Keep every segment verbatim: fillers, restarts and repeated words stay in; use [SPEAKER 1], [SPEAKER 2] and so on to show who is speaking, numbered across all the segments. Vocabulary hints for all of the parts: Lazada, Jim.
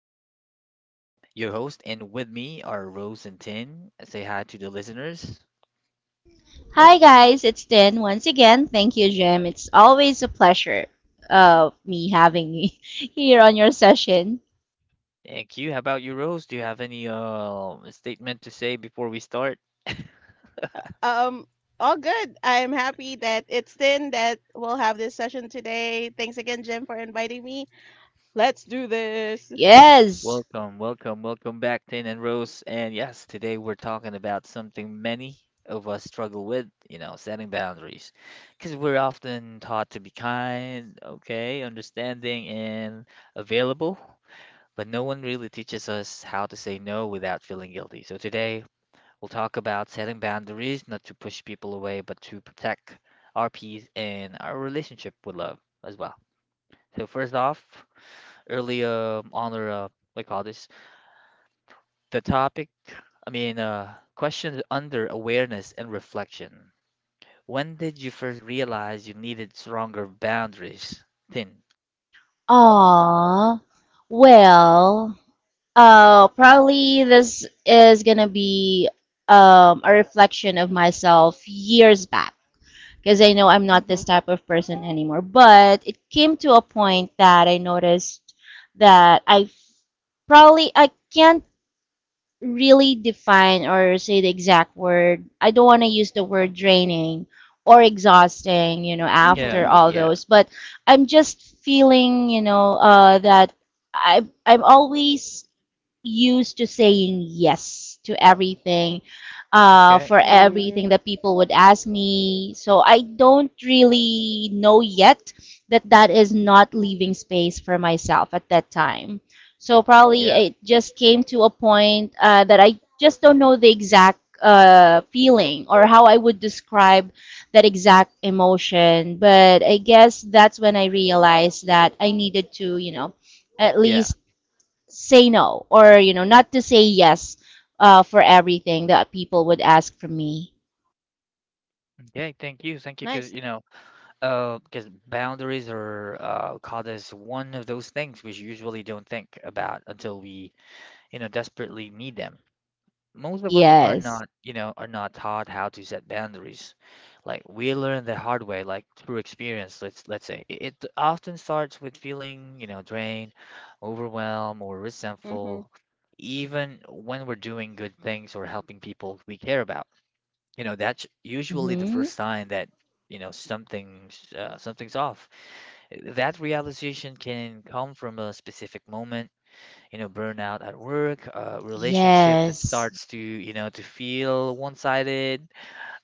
[SPEAKER 1] Jim, your host, and with me are Rose and Tin. Say hi to the listeners. Yep.
[SPEAKER 2] Hi guys, it's Tin once again. Thank you, Jem. It's always a pleasure of me having you here on your session.
[SPEAKER 1] Thank you. How about you, Rose? Do you have any uh statement to say before we start?
[SPEAKER 3] Um, all good. I'm happy that it's then that we'll have this session today. Thanks again, Jim, for inviting me. Let's do this.
[SPEAKER 2] Yes.
[SPEAKER 1] Welcome, welcome, welcome back, Tin and Rose. And yes, today we're talking about something many of us struggle with, you know, setting boundaries. Because we're often taught to be kind, okay, understanding, and available. But no one really teaches us how to say no without feeling guilty. So today, we'll talk about setting boundaries, not to push people away, but to protect our peace and our relationship with love as well. So first off, early um, on our uh, what do you call this? The topic, I mean, uh, question under awareness and reflection. When did you first realize you needed stronger boundaries? Thin.
[SPEAKER 2] Aww. Well, uh, probably this is gonna be um, a reflection of myself years back because I know I'm not this
[SPEAKER 3] Mhm.
[SPEAKER 2] type of person anymore. But it came to a point that I noticed that I f- probably I can't really define or say the exact word. I don't want to use the word draining or exhausting, you know,
[SPEAKER 3] Mhm.
[SPEAKER 2] after
[SPEAKER 1] Yeah,
[SPEAKER 3] Mhm.
[SPEAKER 2] all
[SPEAKER 1] yeah.
[SPEAKER 2] those, but I'm just feeling, you know, uh, that I I'm always used to saying yes to everything, uh,
[SPEAKER 1] Okay.
[SPEAKER 2] for
[SPEAKER 3] Mhm.
[SPEAKER 2] everything that people would ask me. So I don't really know yet that that is not leaving space for myself at that time. So probably
[SPEAKER 1] Yeah.
[SPEAKER 2] it just came to a point uh, that I just don't know the exact uh, feeling or how I would describe that exact emotion. But I guess that's when I realized that I needed to, you know, at
[SPEAKER 1] Yeah.
[SPEAKER 2] least say no or you know not to say yes uh, for everything that people would ask from me.
[SPEAKER 1] Okay. Thank you. Thank you. Because,
[SPEAKER 3] Nice.
[SPEAKER 1] you know, Uh, because boundaries are uh, called as one of those things we usually don't think about until we, you know, desperately need them. Most of us are
[SPEAKER 2] Yes.
[SPEAKER 1] not, you know, are not taught how to set boundaries. Like we learn the hard way, like through experience. Let's let's say it it often starts with feeling, you know, drained, overwhelmed, or
[SPEAKER 3] Mhm.
[SPEAKER 1] resentful, even when we're doing good things or helping people we care about. You know, that's usually the
[SPEAKER 2] Mm-hmm.
[SPEAKER 1] first sign that, you know, something's uh, something's off. That realization can come from a specific moment, you know, burnout at work, a relationship that
[SPEAKER 2] Yes.
[SPEAKER 1] starts to, you know, to feel one-sided,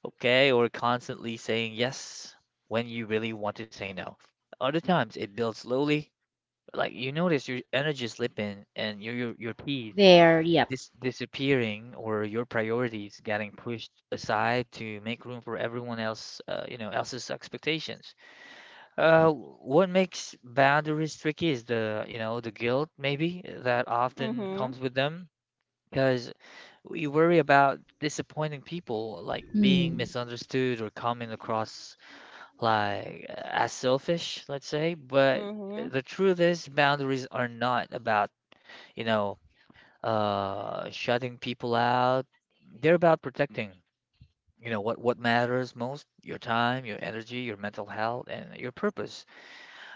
[SPEAKER 1] okay, or constantly saying yes when you really want to say no. Other times it builds slowly, like you notice your energy slipping and your your, your peace
[SPEAKER 2] There. Yep.
[SPEAKER 1] dis disappearing or your priorities getting pushed aside to make room for everyone else, uh, you know, else's expectations. Uh, what makes boundaries tricky is the, you know, the guilt maybe that often
[SPEAKER 3] Mhm.
[SPEAKER 1] comes with them because we worry about disappointing people, like being
[SPEAKER 2] Hmm.
[SPEAKER 1] misunderstood or coming across like uh, as selfish, let's say. But
[SPEAKER 3] Mhm.
[SPEAKER 1] the truth is, boundaries are not about, you know, uh, shutting people out. They're about protecting, you know, what what matters most: your time, your energy, your mental health, and your purpose.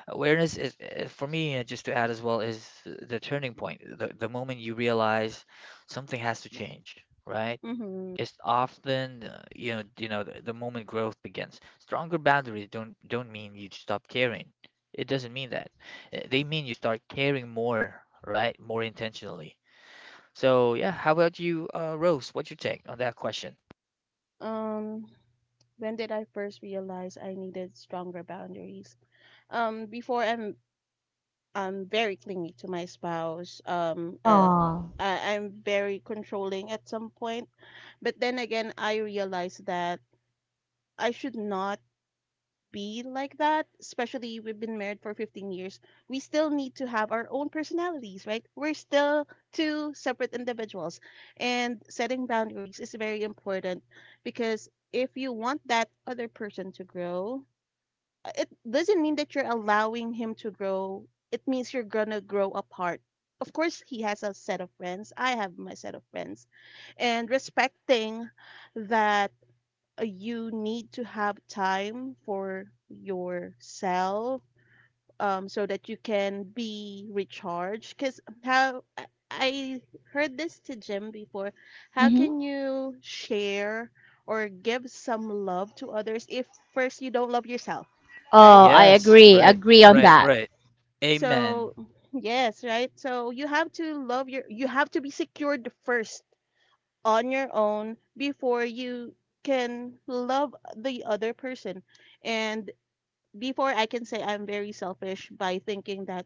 [SPEAKER 1] Awareness is uh, for me uh, just to add as well, is the turning point, the, the moment you realize something has to change, right?
[SPEAKER 3] Mhm.
[SPEAKER 1] It's often uh, you know you know, the, the moment growth begins. Stronger boundaries don't don't mean you stop caring. It doesn't mean that. Uh, they mean you start caring more, right? More intentionally. So yeah, how about you, uh, Rose? What's your take on that question?
[SPEAKER 3] Um, when did I first realize I needed stronger boundaries? Um, before I'm I'm very clingy to my spouse. Um, uh,
[SPEAKER 2] Oh.
[SPEAKER 3] I, I'm very controlling at some point, but then again, I realized that. I should not be like that, especially we've been married for fifteen years. We still need to have our own personalities, right? We're still two separate individuals. And setting boundaries is very important because if you want that other person to grow, uh, it doesn't mean that you're allowing him to grow. It means you're going to grow apart. Of course, he has a set of friends. I have my set of friends. And respecting that, uh, you need to have time for yourself, um, so that you can be recharged. Because how I I heard this to Jim before, how
[SPEAKER 2] Mm-hmm.
[SPEAKER 3] can you share or give some love to others if first you don't love yourself, right?
[SPEAKER 2] Oh, I
[SPEAKER 1] Yes,
[SPEAKER 2] agree,
[SPEAKER 1] right,
[SPEAKER 2] agree on
[SPEAKER 1] right,
[SPEAKER 2] that.
[SPEAKER 1] right, amen.
[SPEAKER 3] So, yes, right? So you have to love your, you have to be secured first on your own before you can love the other person, and before I can say I'm very selfish by thinking that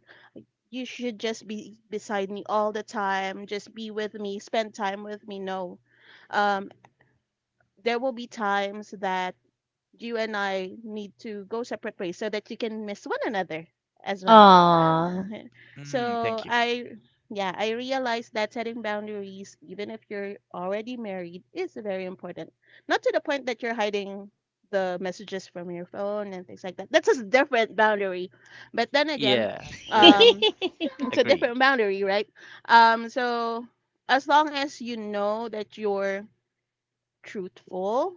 [SPEAKER 3] you should just be beside me all the time, just be with me, spend time with me. No. Um, there will be times that you and I need to go separate ways so that you can miss one another as well.
[SPEAKER 2] Oh.
[SPEAKER 3] Okay.
[SPEAKER 1] Mm,
[SPEAKER 3] So
[SPEAKER 1] thank you.
[SPEAKER 3] I, yeah, I realized that setting boundaries, even if you're already married, is very important. Not to the point that you're hiding the messages from your phone and things like that. That's a different boundary. But then again,
[SPEAKER 1] Yeah, right.
[SPEAKER 3] um, it's a
[SPEAKER 1] Agree.
[SPEAKER 3] different boundary, right? Um, so as long as you know that you're truthful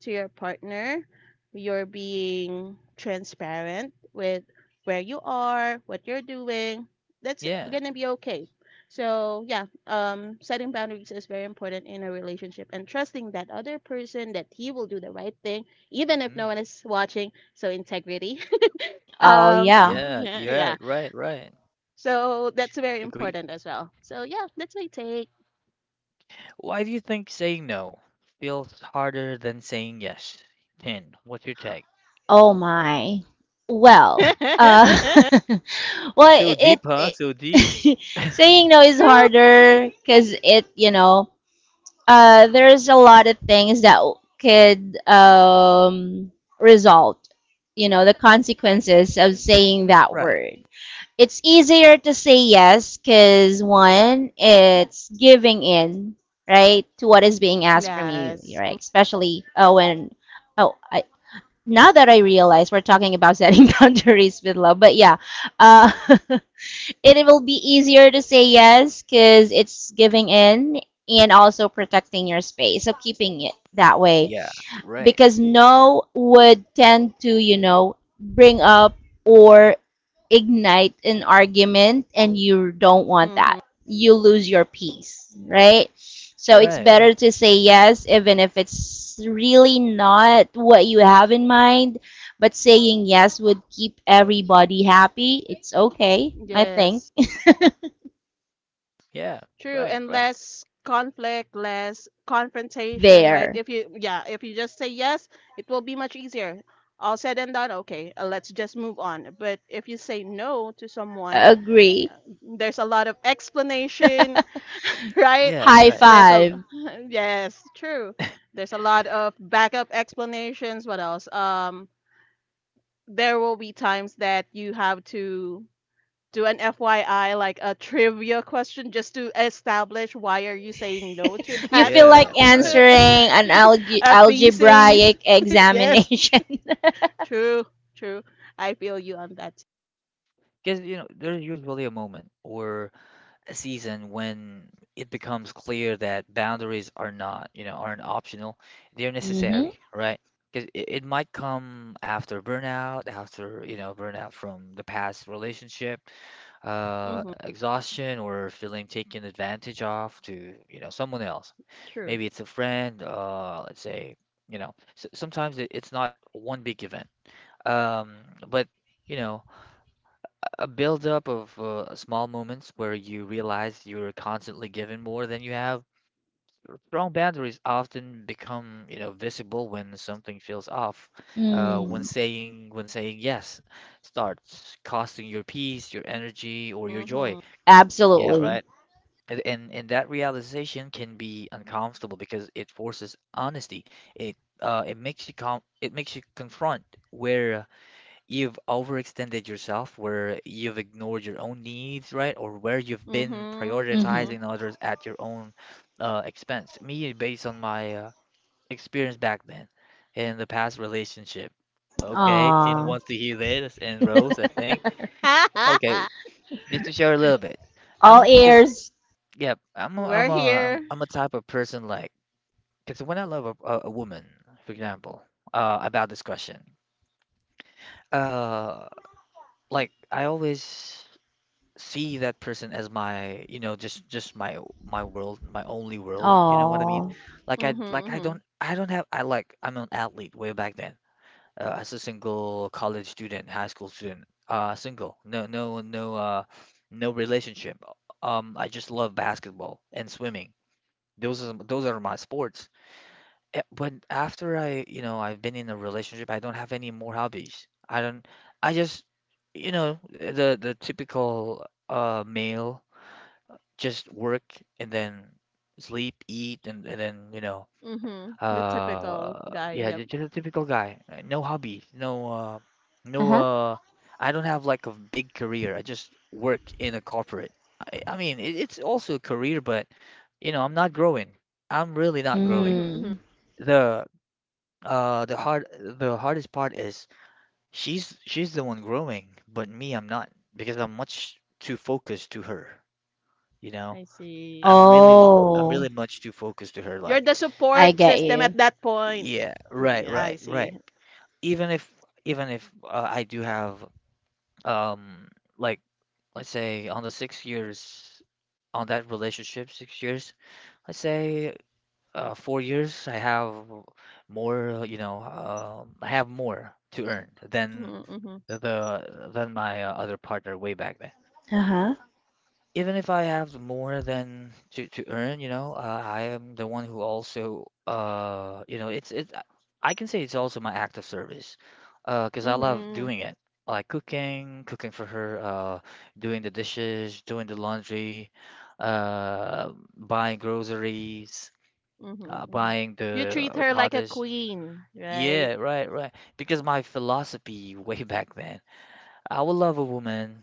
[SPEAKER 3] to your partner, you're being transparent with where you are, what you're doing, that's
[SPEAKER 1] Yeah.
[SPEAKER 3] going to be okay. So, yeah, um, setting boundaries is very important in a relationship and trusting that other person that he will do the right thing, even if no
[SPEAKER 1] Mm.
[SPEAKER 3] one is watching. So, integrity.
[SPEAKER 2] oh
[SPEAKER 3] um,
[SPEAKER 2] yeah.
[SPEAKER 1] Yeah,
[SPEAKER 3] yeah.
[SPEAKER 1] yeah, right, right.
[SPEAKER 3] So, that's very
[SPEAKER 1] Agree.
[SPEAKER 3] important as well. So, yeah, that's my take.
[SPEAKER 1] Why do you think saying no feels harder than saying yes? 10. What's your take?
[SPEAKER 2] Oh my. Well, uh well
[SPEAKER 1] So
[SPEAKER 2] it,
[SPEAKER 1] deep, huh?
[SPEAKER 2] it
[SPEAKER 1] So deep.
[SPEAKER 2] saying no is
[SPEAKER 3] True.
[SPEAKER 2] harder because it you know uh, there's a lot of things that could um, result, you know, the consequences of saying that
[SPEAKER 1] Right.
[SPEAKER 2] word. It's easier to say yes because one, it's giving in, right, to what is being asked from you,
[SPEAKER 3] Yes.
[SPEAKER 2] right? Especially, uh, when, oh, I, now that I realize we're talking about setting boundaries with love, but yeah, uh, it will be easier to say yes because it's giving in and also protecting your space. So keeping it that way
[SPEAKER 1] Yeah, right.
[SPEAKER 2] because no would tend to, you know, bring up or ignite an argument and you don't want
[SPEAKER 3] Mm-hmm.
[SPEAKER 2] that. You lose your peace, right? So
[SPEAKER 3] True.
[SPEAKER 2] it's
[SPEAKER 1] Right, right.
[SPEAKER 2] better to say yes even if it's really not what you have in mind, but saying yes would keep everybody happy. It's okay, I think.
[SPEAKER 3] Yes,
[SPEAKER 1] Yeah,
[SPEAKER 3] true,
[SPEAKER 1] right,
[SPEAKER 3] and
[SPEAKER 1] right.
[SPEAKER 3] less conflict, less confrontation, right?
[SPEAKER 2] There.
[SPEAKER 3] If you, yeah, if you just say yes, it will be much easier. All said and done, okay, uh, let's just move on. But if you say no to someone,
[SPEAKER 2] Agree.
[SPEAKER 3] there's a lot of explanation, right?
[SPEAKER 1] Yeah,
[SPEAKER 2] High
[SPEAKER 1] right,
[SPEAKER 3] There's
[SPEAKER 1] right.
[SPEAKER 3] a,
[SPEAKER 2] five.
[SPEAKER 3] yes, true. There's a lot of backup explanations. What else? Um, there will be times that you have to do an F Y I, like a trivia question, just to establish why are you saying no to
[SPEAKER 2] You
[SPEAKER 3] that.
[SPEAKER 2] feel
[SPEAKER 1] Yeah,
[SPEAKER 2] like
[SPEAKER 1] right.
[SPEAKER 2] answering an alge-
[SPEAKER 3] A thesis?
[SPEAKER 2] algebraic
[SPEAKER 3] Yes,
[SPEAKER 2] examination.
[SPEAKER 3] true, true. I feel you on that.
[SPEAKER 1] Because, you know, there's usually a moment or season when it becomes clear that boundaries are not, you know, aren't optional, they're
[SPEAKER 2] Mm-hmm.
[SPEAKER 1] necessary, right? Because it, it might come after burnout, after, you know, burnout from the past relationship, uh,
[SPEAKER 3] Mm-hmm.
[SPEAKER 1] exhaustion, or feeling taken advantage of to, you know, someone else.
[SPEAKER 3] True.
[SPEAKER 1] Maybe it's a friend, uh, let's say, you know, s sometimes it, it's not one big event. Um, but, you know, a buildup of uh, small moments where you realize you're constantly giving more than you have. Strong boundaries often become, you know, visible when something feels off. Uh, when
[SPEAKER 2] Mm.
[SPEAKER 1] saying when saying yes starts costing your peace, your energy, or your joy.
[SPEAKER 3] Mm-hmm.
[SPEAKER 1] Yeah,
[SPEAKER 2] Absolutely.
[SPEAKER 1] right. And, and and that realization can be uncomfortable because it forces honesty. It uh it makes you com it makes you confront where you've overextended yourself, where you've ignored your own needs, right? Or where you've been
[SPEAKER 3] Mm-hmm.
[SPEAKER 2] Mm-hmm.
[SPEAKER 3] Mm-hmm.
[SPEAKER 1] prioritizing others at your own uh, expense. Me, based on my uh, experience back then, in the past relationship. Okay, Tin
[SPEAKER 2] Aw.
[SPEAKER 1] wants to hear this, and Rose, I think. Okay, just to share a little bit. I'm
[SPEAKER 2] All
[SPEAKER 1] because
[SPEAKER 2] ears.
[SPEAKER 1] yeah, I'm a, I'm
[SPEAKER 3] We're
[SPEAKER 1] a
[SPEAKER 3] here.
[SPEAKER 1] I'm a type of person like, because when I love a, a, a woman, for example, uh, about this question, uh, like I always see that person as my, you know, just just my my world, my only world. You know what I
[SPEAKER 2] Aw.
[SPEAKER 1] mean? Like I
[SPEAKER 3] Mm-hmm.
[SPEAKER 1] like I
[SPEAKER 3] Mm-hmm.
[SPEAKER 1] don't I don't have I like I'm an athlete way back then. Uh, as a single college student, high school student, uh, single, no no no uh no relationship. Um, I just love basketball and swimming. Those are those are my sports. Eh, But after I, you know, I've been in a relationship, I don't have any more hobbies. I don't. I just, you know, eh, the the typical uh male, just work and then sleep, eat, and, and then, you know,
[SPEAKER 3] Mm-hmm. The typical
[SPEAKER 1] uh,
[SPEAKER 3] guy.
[SPEAKER 1] yeah,
[SPEAKER 3] Yep.
[SPEAKER 1] ju- just a typical guy. Uh, No hobbies, no, uh, no,
[SPEAKER 2] Uh-huh.
[SPEAKER 1] uh, I don't have like a big career. I just work in a corporate. I, I mean, it, it's also a career, but you know, I'm not growing. I'm really not growing.
[SPEAKER 3] Mm-hmm. Hmm.
[SPEAKER 2] Mm.
[SPEAKER 1] The uh the hard the hardest part is she's she's the one growing, but me, I'm not, because I'm much too focused to her, you know?
[SPEAKER 3] I see.
[SPEAKER 1] I'm really I'm
[SPEAKER 2] Oh.
[SPEAKER 1] really much too focused to her,
[SPEAKER 3] You're
[SPEAKER 1] like,
[SPEAKER 3] the
[SPEAKER 2] I
[SPEAKER 3] support
[SPEAKER 2] get
[SPEAKER 3] system at
[SPEAKER 2] you.
[SPEAKER 3] that point.
[SPEAKER 1] yeah, right,
[SPEAKER 3] Yeah, I
[SPEAKER 1] right, right.
[SPEAKER 3] see.
[SPEAKER 1] Even if even if uh, I do have um like let's say, on the six years, on that relationship, six years, let's say uh, four years I have more, you know, um I have more to earn than
[SPEAKER 3] Mm-hmm. Mm-hmm.
[SPEAKER 1] the, than my uh, other partner way back then.
[SPEAKER 2] Uh-huh.
[SPEAKER 1] Even if I have more than to to earn, you know, uh, I am the one who also, uh, you know, it's it. I can say it's also my act of service, uh, because I love
[SPEAKER 3] Mm-hmm.
[SPEAKER 1] doing it, like cooking, cooking for her, uh, doing the dishes, doing the laundry, uh, buying groceries,
[SPEAKER 3] Mhm,
[SPEAKER 1] uh,
[SPEAKER 3] mhm.
[SPEAKER 1] buying
[SPEAKER 3] You
[SPEAKER 1] the,
[SPEAKER 3] treat
[SPEAKER 1] we
[SPEAKER 3] her
[SPEAKER 1] call
[SPEAKER 3] like a
[SPEAKER 1] this.
[SPEAKER 3] queen, right?
[SPEAKER 1] Yeah, right, right. Because my philosophy way back then, I will love a woman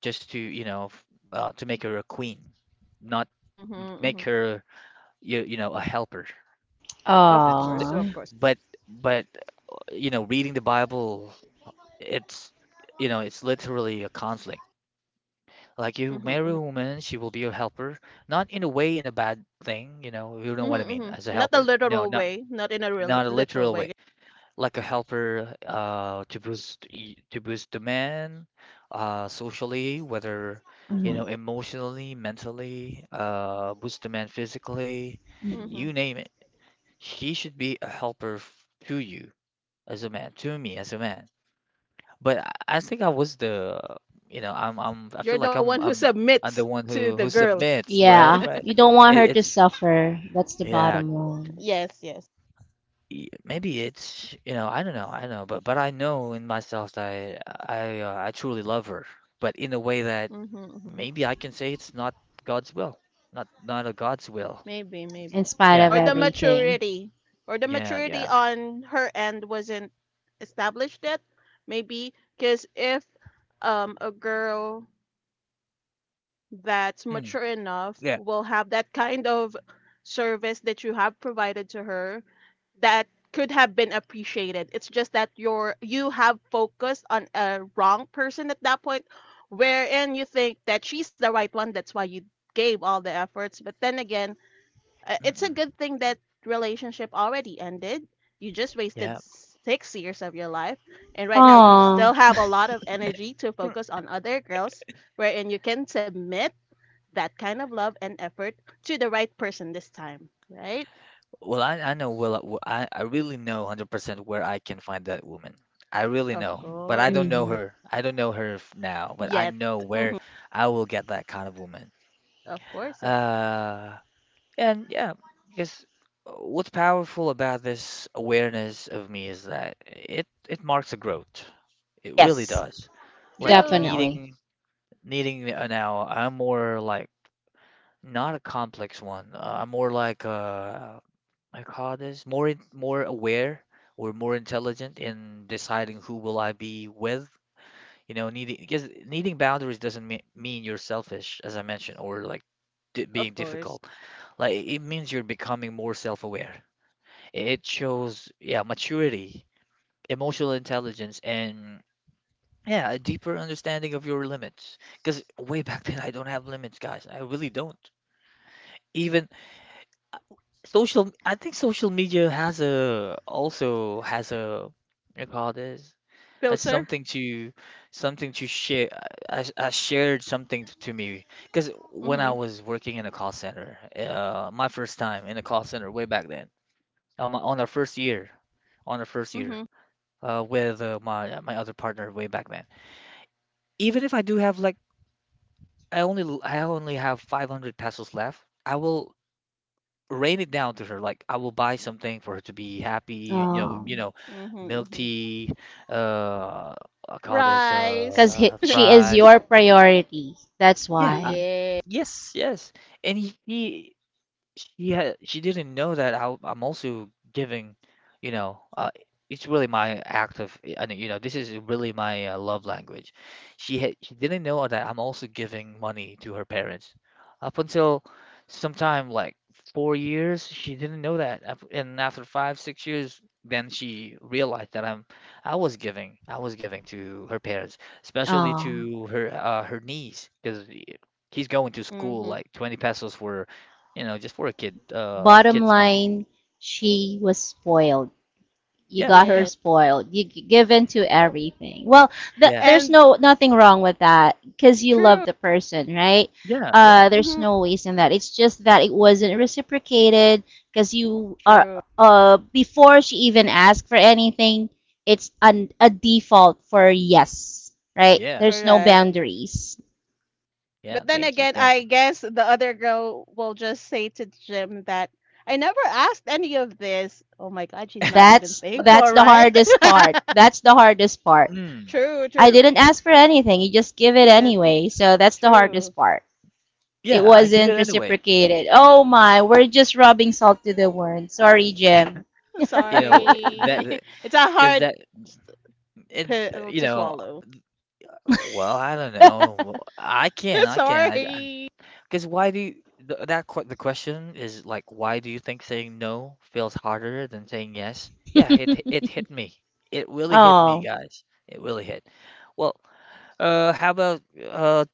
[SPEAKER 1] just to you know f- uh, to make her a queen, not
[SPEAKER 3] Mhm,
[SPEAKER 1] make
[SPEAKER 3] mhm.
[SPEAKER 1] her you you know a helper.
[SPEAKER 3] Of
[SPEAKER 1] That's the-
[SPEAKER 3] course,
[SPEAKER 2] Aw.
[SPEAKER 3] of course.
[SPEAKER 1] but but uh, you know, reading the Bible, it's, you know, it's literally a conflict. Like you
[SPEAKER 3] Mhm, mhm.
[SPEAKER 1] marry a woman, she will be your helper, not in a way in a bad thing, you know, you know
[SPEAKER 3] Mhm,
[SPEAKER 1] what I mean,
[SPEAKER 3] mhm.
[SPEAKER 1] as a
[SPEAKER 3] Not a
[SPEAKER 1] helper. No,
[SPEAKER 3] literal
[SPEAKER 1] not
[SPEAKER 3] way, not in a real
[SPEAKER 1] not a
[SPEAKER 3] literal
[SPEAKER 1] literal
[SPEAKER 3] way.
[SPEAKER 1] way. Like a helper uh, to boost y- to boost demand uh, socially, whether you
[SPEAKER 2] Mhm.
[SPEAKER 1] know emotionally, mentally, uh, boost demand physically,
[SPEAKER 3] Mhm.
[SPEAKER 2] Mhm.
[SPEAKER 1] you name it. She should be a helper f- to you as a man, to me as a man. But I I think I was the you know I'm I'm I feel
[SPEAKER 3] You're
[SPEAKER 1] like
[SPEAKER 3] the
[SPEAKER 1] I'm
[SPEAKER 3] one who
[SPEAKER 1] I'm the- I'm the
[SPEAKER 3] submits
[SPEAKER 1] one
[SPEAKER 3] to
[SPEAKER 1] who
[SPEAKER 3] the
[SPEAKER 1] who
[SPEAKER 3] girl.
[SPEAKER 1] submits, right?
[SPEAKER 2] Yeah.
[SPEAKER 1] Right.
[SPEAKER 2] You don't want
[SPEAKER 1] It,
[SPEAKER 2] her to
[SPEAKER 1] it's
[SPEAKER 2] suffer. That's the
[SPEAKER 1] yeah,
[SPEAKER 2] bottom line.
[SPEAKER 3] Yes, yes.
[SPEAKER 1] y- maybe it's, you know, I don't know, I don't know, but but I know in myself that I I, uh, I truly love her, but in a way that
[SPEAKER 3] Mhm, mhm.
[SPEAKER 1] maybe I can say it's not God's will. Not not a God's will.
[SPEAKER 3] Maybe, maybe.
[SPEAKER 2] In spite
[SPEAKER 1] Yeah,
[SPEAKER 2] of
[SPEAKER 3] Or the
[SPEAKER 1] right.
[SPEAKER 2] everything.
[SPEAKER 3] maturity, or the
[SPEAKER 1] Yeah,
[SPEAKER 3] maturity
[SPEAKER 1] yeah.
[SPEAKER 3] on her end wasn't established yet. Maybe because if um a girl that's mature
[SPEAKER 1] Mm,
[SPEAKER 3] enough
[SPEAKER 1] yeah.
[SPEAKER 3] will have that kind of service that you have provided to her that could have been appreciated. It's just that you're you have focused on a wrong person at that point, wherein you think that she's the right one. That's why you gave all the efforts. But then again, uh, it's a
[SPEAKER 1] Mm-mm,
[SPEAKER 3] good thing that relationship already ended. You just wasted
[SPEAKER 1] yeah.
[SPEAKER 3] six years of your life, and right now you
[SPEAKER 1] Mm.
[SPEAKER 2] Oh,
[SPEAKER 3] still have a lot of energy to focus on other girls, wherein you can submit that kind of love and effort to the right person this time, right?
[SPEAKER 1] Well, I I know well uh, I I really know one hundred percent where I can find that woman. I really
[SPEAKER 3] Of
[SPEAKER 1] know, but I
[SPEAKER 3] course.
[SPEAKER 1] don't know
[SPEAKER 2] hmm,
[SPEAKER 1] her, I don't know her f- now, but I
[SPEAKER 3] Yet,
[SPEAKER 1] know
[SPEAKER 3] mhm.
[SPEAKER 1] where I will get that kind of woman.
[SPEAKER 3] Of course. Of,
[SPEAKER 1] uh And yeah, because uh, what's powerful about this awareness of me is that it it marks a growth. It really
[SPEAKER 2] yes,
[SPEAKER 1] does. Like
[SPEAKER 3] true.
[SPEAKER 2] definitely.
[SPEAKER 1] needing needing uh, Now, I'm more like, not a complex one. Uh, I'm more like, uh, I call this more in, more aware or more intelligent in deciding who will I be with. You know, needing because needing boundaries doesn't mea- mean you're selfish, as I mentioned, or like di being
[SPEAKER 3] Of course.
[SPEAKER 1] difficult. Like it it means you're becoming more self-aware. It shows, yeah, maturity, emotional intelligence, and yeah, a deeper understanding of your limits. Because way back then, I don't have limits, guys. I really don't. Even social, I think social media has a also has a what you call this, has
[SPEAKER 3] Filter.
[SPEAKER 1] something to, something to share. I, I shared something to me because when I
[SPEAKER 3] Mhm,
[SPEAKER 1] was working in a call center, uh, my first time in a call center way back then, on my, on our first year, on our first year,
[SPEAKER 3] mhm,
[SPEAKER 1] uh, with uh, my my other partner way back then. Even if I do have like I only l- I only have five hundred pesos left, I will rain it down to her. Like I will buy something for her to be happy. You know,
[SPEAKER 2] Oh,
[SPEAKER 1] you know,
[SPEAKER 3] mhm,
[SPEAKER 1] milk
[SPEAKER 3] mhm.
[SPEAKER 1] tea. Uh, I call this
[SPEAKER 2] because
[SPEAKER 3] Fries.
[SPEAKER 1] uh
[SPEAKER 2] she is
[SPEAKER 1] fries.
[SPEAKER 2] your priority. That's
[SPEAKER 1] Yeah, I,
[SPEAKER 2] why.
[SPEAKER 3] Yeah.
[SPEAKER 1] yes, yes. And he, he she had she didn't know that I, I'm also giving, you know, uh, it's really my act of, and you know, This is really my uh, love language. She had she didn't know that I'm also giving money to her parents. Up until sometime like four years, she didn't know that, Af- and after five, six years, then she realized that I'm I was giving I was giving to her parents, especially
[SPEAKER 2] Oh,
[SPEAKER 1] to her uh, her niece, because he's going to school
[SPEAKER 3] Mhm.
[SPEAKER 1] like twenty pesos for you know, just for a kid, uh,
[SPEAKER 2] bottom
[SPEAKER 1] kid's money.
[SPEAKER 2] line, she was spoiled. You
[SPEAKER 1] Yeah,
[SPEAKER 2] got her
[SPEAKER 3] Yeah.
[SPEAKER 1] yeah,
[SPEAKER 2] spoiled. You give in to everything. Well, th-
[SPEAKER 1] yeah,
[SPEAKER 2] there's
[SPEAKER 3] And
[SPEAKER 2] no nothing wrong with that because you love
[SPEAKER 3] true.
[SPEAKER 2] the person, right?
[SPEAKER 1] yeah,
[SPEAKER 2] Uh,
[SPEAKER 1] right.
[SPEAKER 2] there's
[SPEAKER 3] Mhm.
[SPEAKER 2] no waste in that. It's just that it wasn't reciprocated because you are
[SPEAKER 3] True.
[SPEAKER 2] uh before she even asked for anything, it's an, a default for yes, right?
[SPEAKER 1] Yeah,
[SPEAKER 2] There's no
[SPEAKER 3] Correct.
[SPEAKER 2] boundaries.
[SPEAKER 1] yeah.
[SPEAKER 3] But then
[SPEAKER 1] Thank you,
[SPEAKER 3] again,
[SPEAKER 1] thank
[SPEAKER 3] I
[SPEAKER 1] you.
[SPEAKER 3] guess the other girl will just say to Jim that I never asked any of this. Oh my God, she's not even
[SPEAKER 2] That's
[SPEAKER 3] thankful,
[SPEAKER 2] that's the
[SPEAKER 3] right?
[SPEAKER 2] hardest part. That's the hardest part.
[SPEAKER 1] Mm.
[SPEAKER 3] True.
[SPEAKER 2] I
[SPEAKER 3] True.
[SPEAKER 1] w-
[SPEAKER 2] didn't ask for anything. You just give it
[SPEAKER 3] Yes,
[SPEAKER 2] anyway. So that's the hardest
[SPEAKER 3] true.
[SPEAKER 2] part.
[SPEAKER 1] Yeah,
[SPEAKER 2] It
[SPEAKER 1] I give it
[SPEAKER 2] wasn't
[SPEAKER 1] anyway.
[SPEAKER 2] reciprocated. Oh my, we're just rubbing salt to the wound. Sorry, Jim.
[SPEAKER 1] You know that
[SPEAKER 3] Sorry. It's a
[SPEAKER 1] because
[SPEAKER 3] hard
[SPEAKER 1] that and
[SPEAKER 3] pill
[SPEAKER 1] you
[SPEAKER 3] to
[SPEAKER 1] know,
[SPEAKER 3] swallow.
[SPEAKER 1] well, I don't know. Well, I can, I can. I
[SPEAKER 3] Sorry.
[SPEAKER 1] because why do you, th- that que- the question is like, why do you think saying no feels harder than saying yes? Yeah, it h- it hit me. It really hit me,
[SPEAKER 2] Oh,
[SPEAKER 1] guys. It really hit. Well, uh, how about uh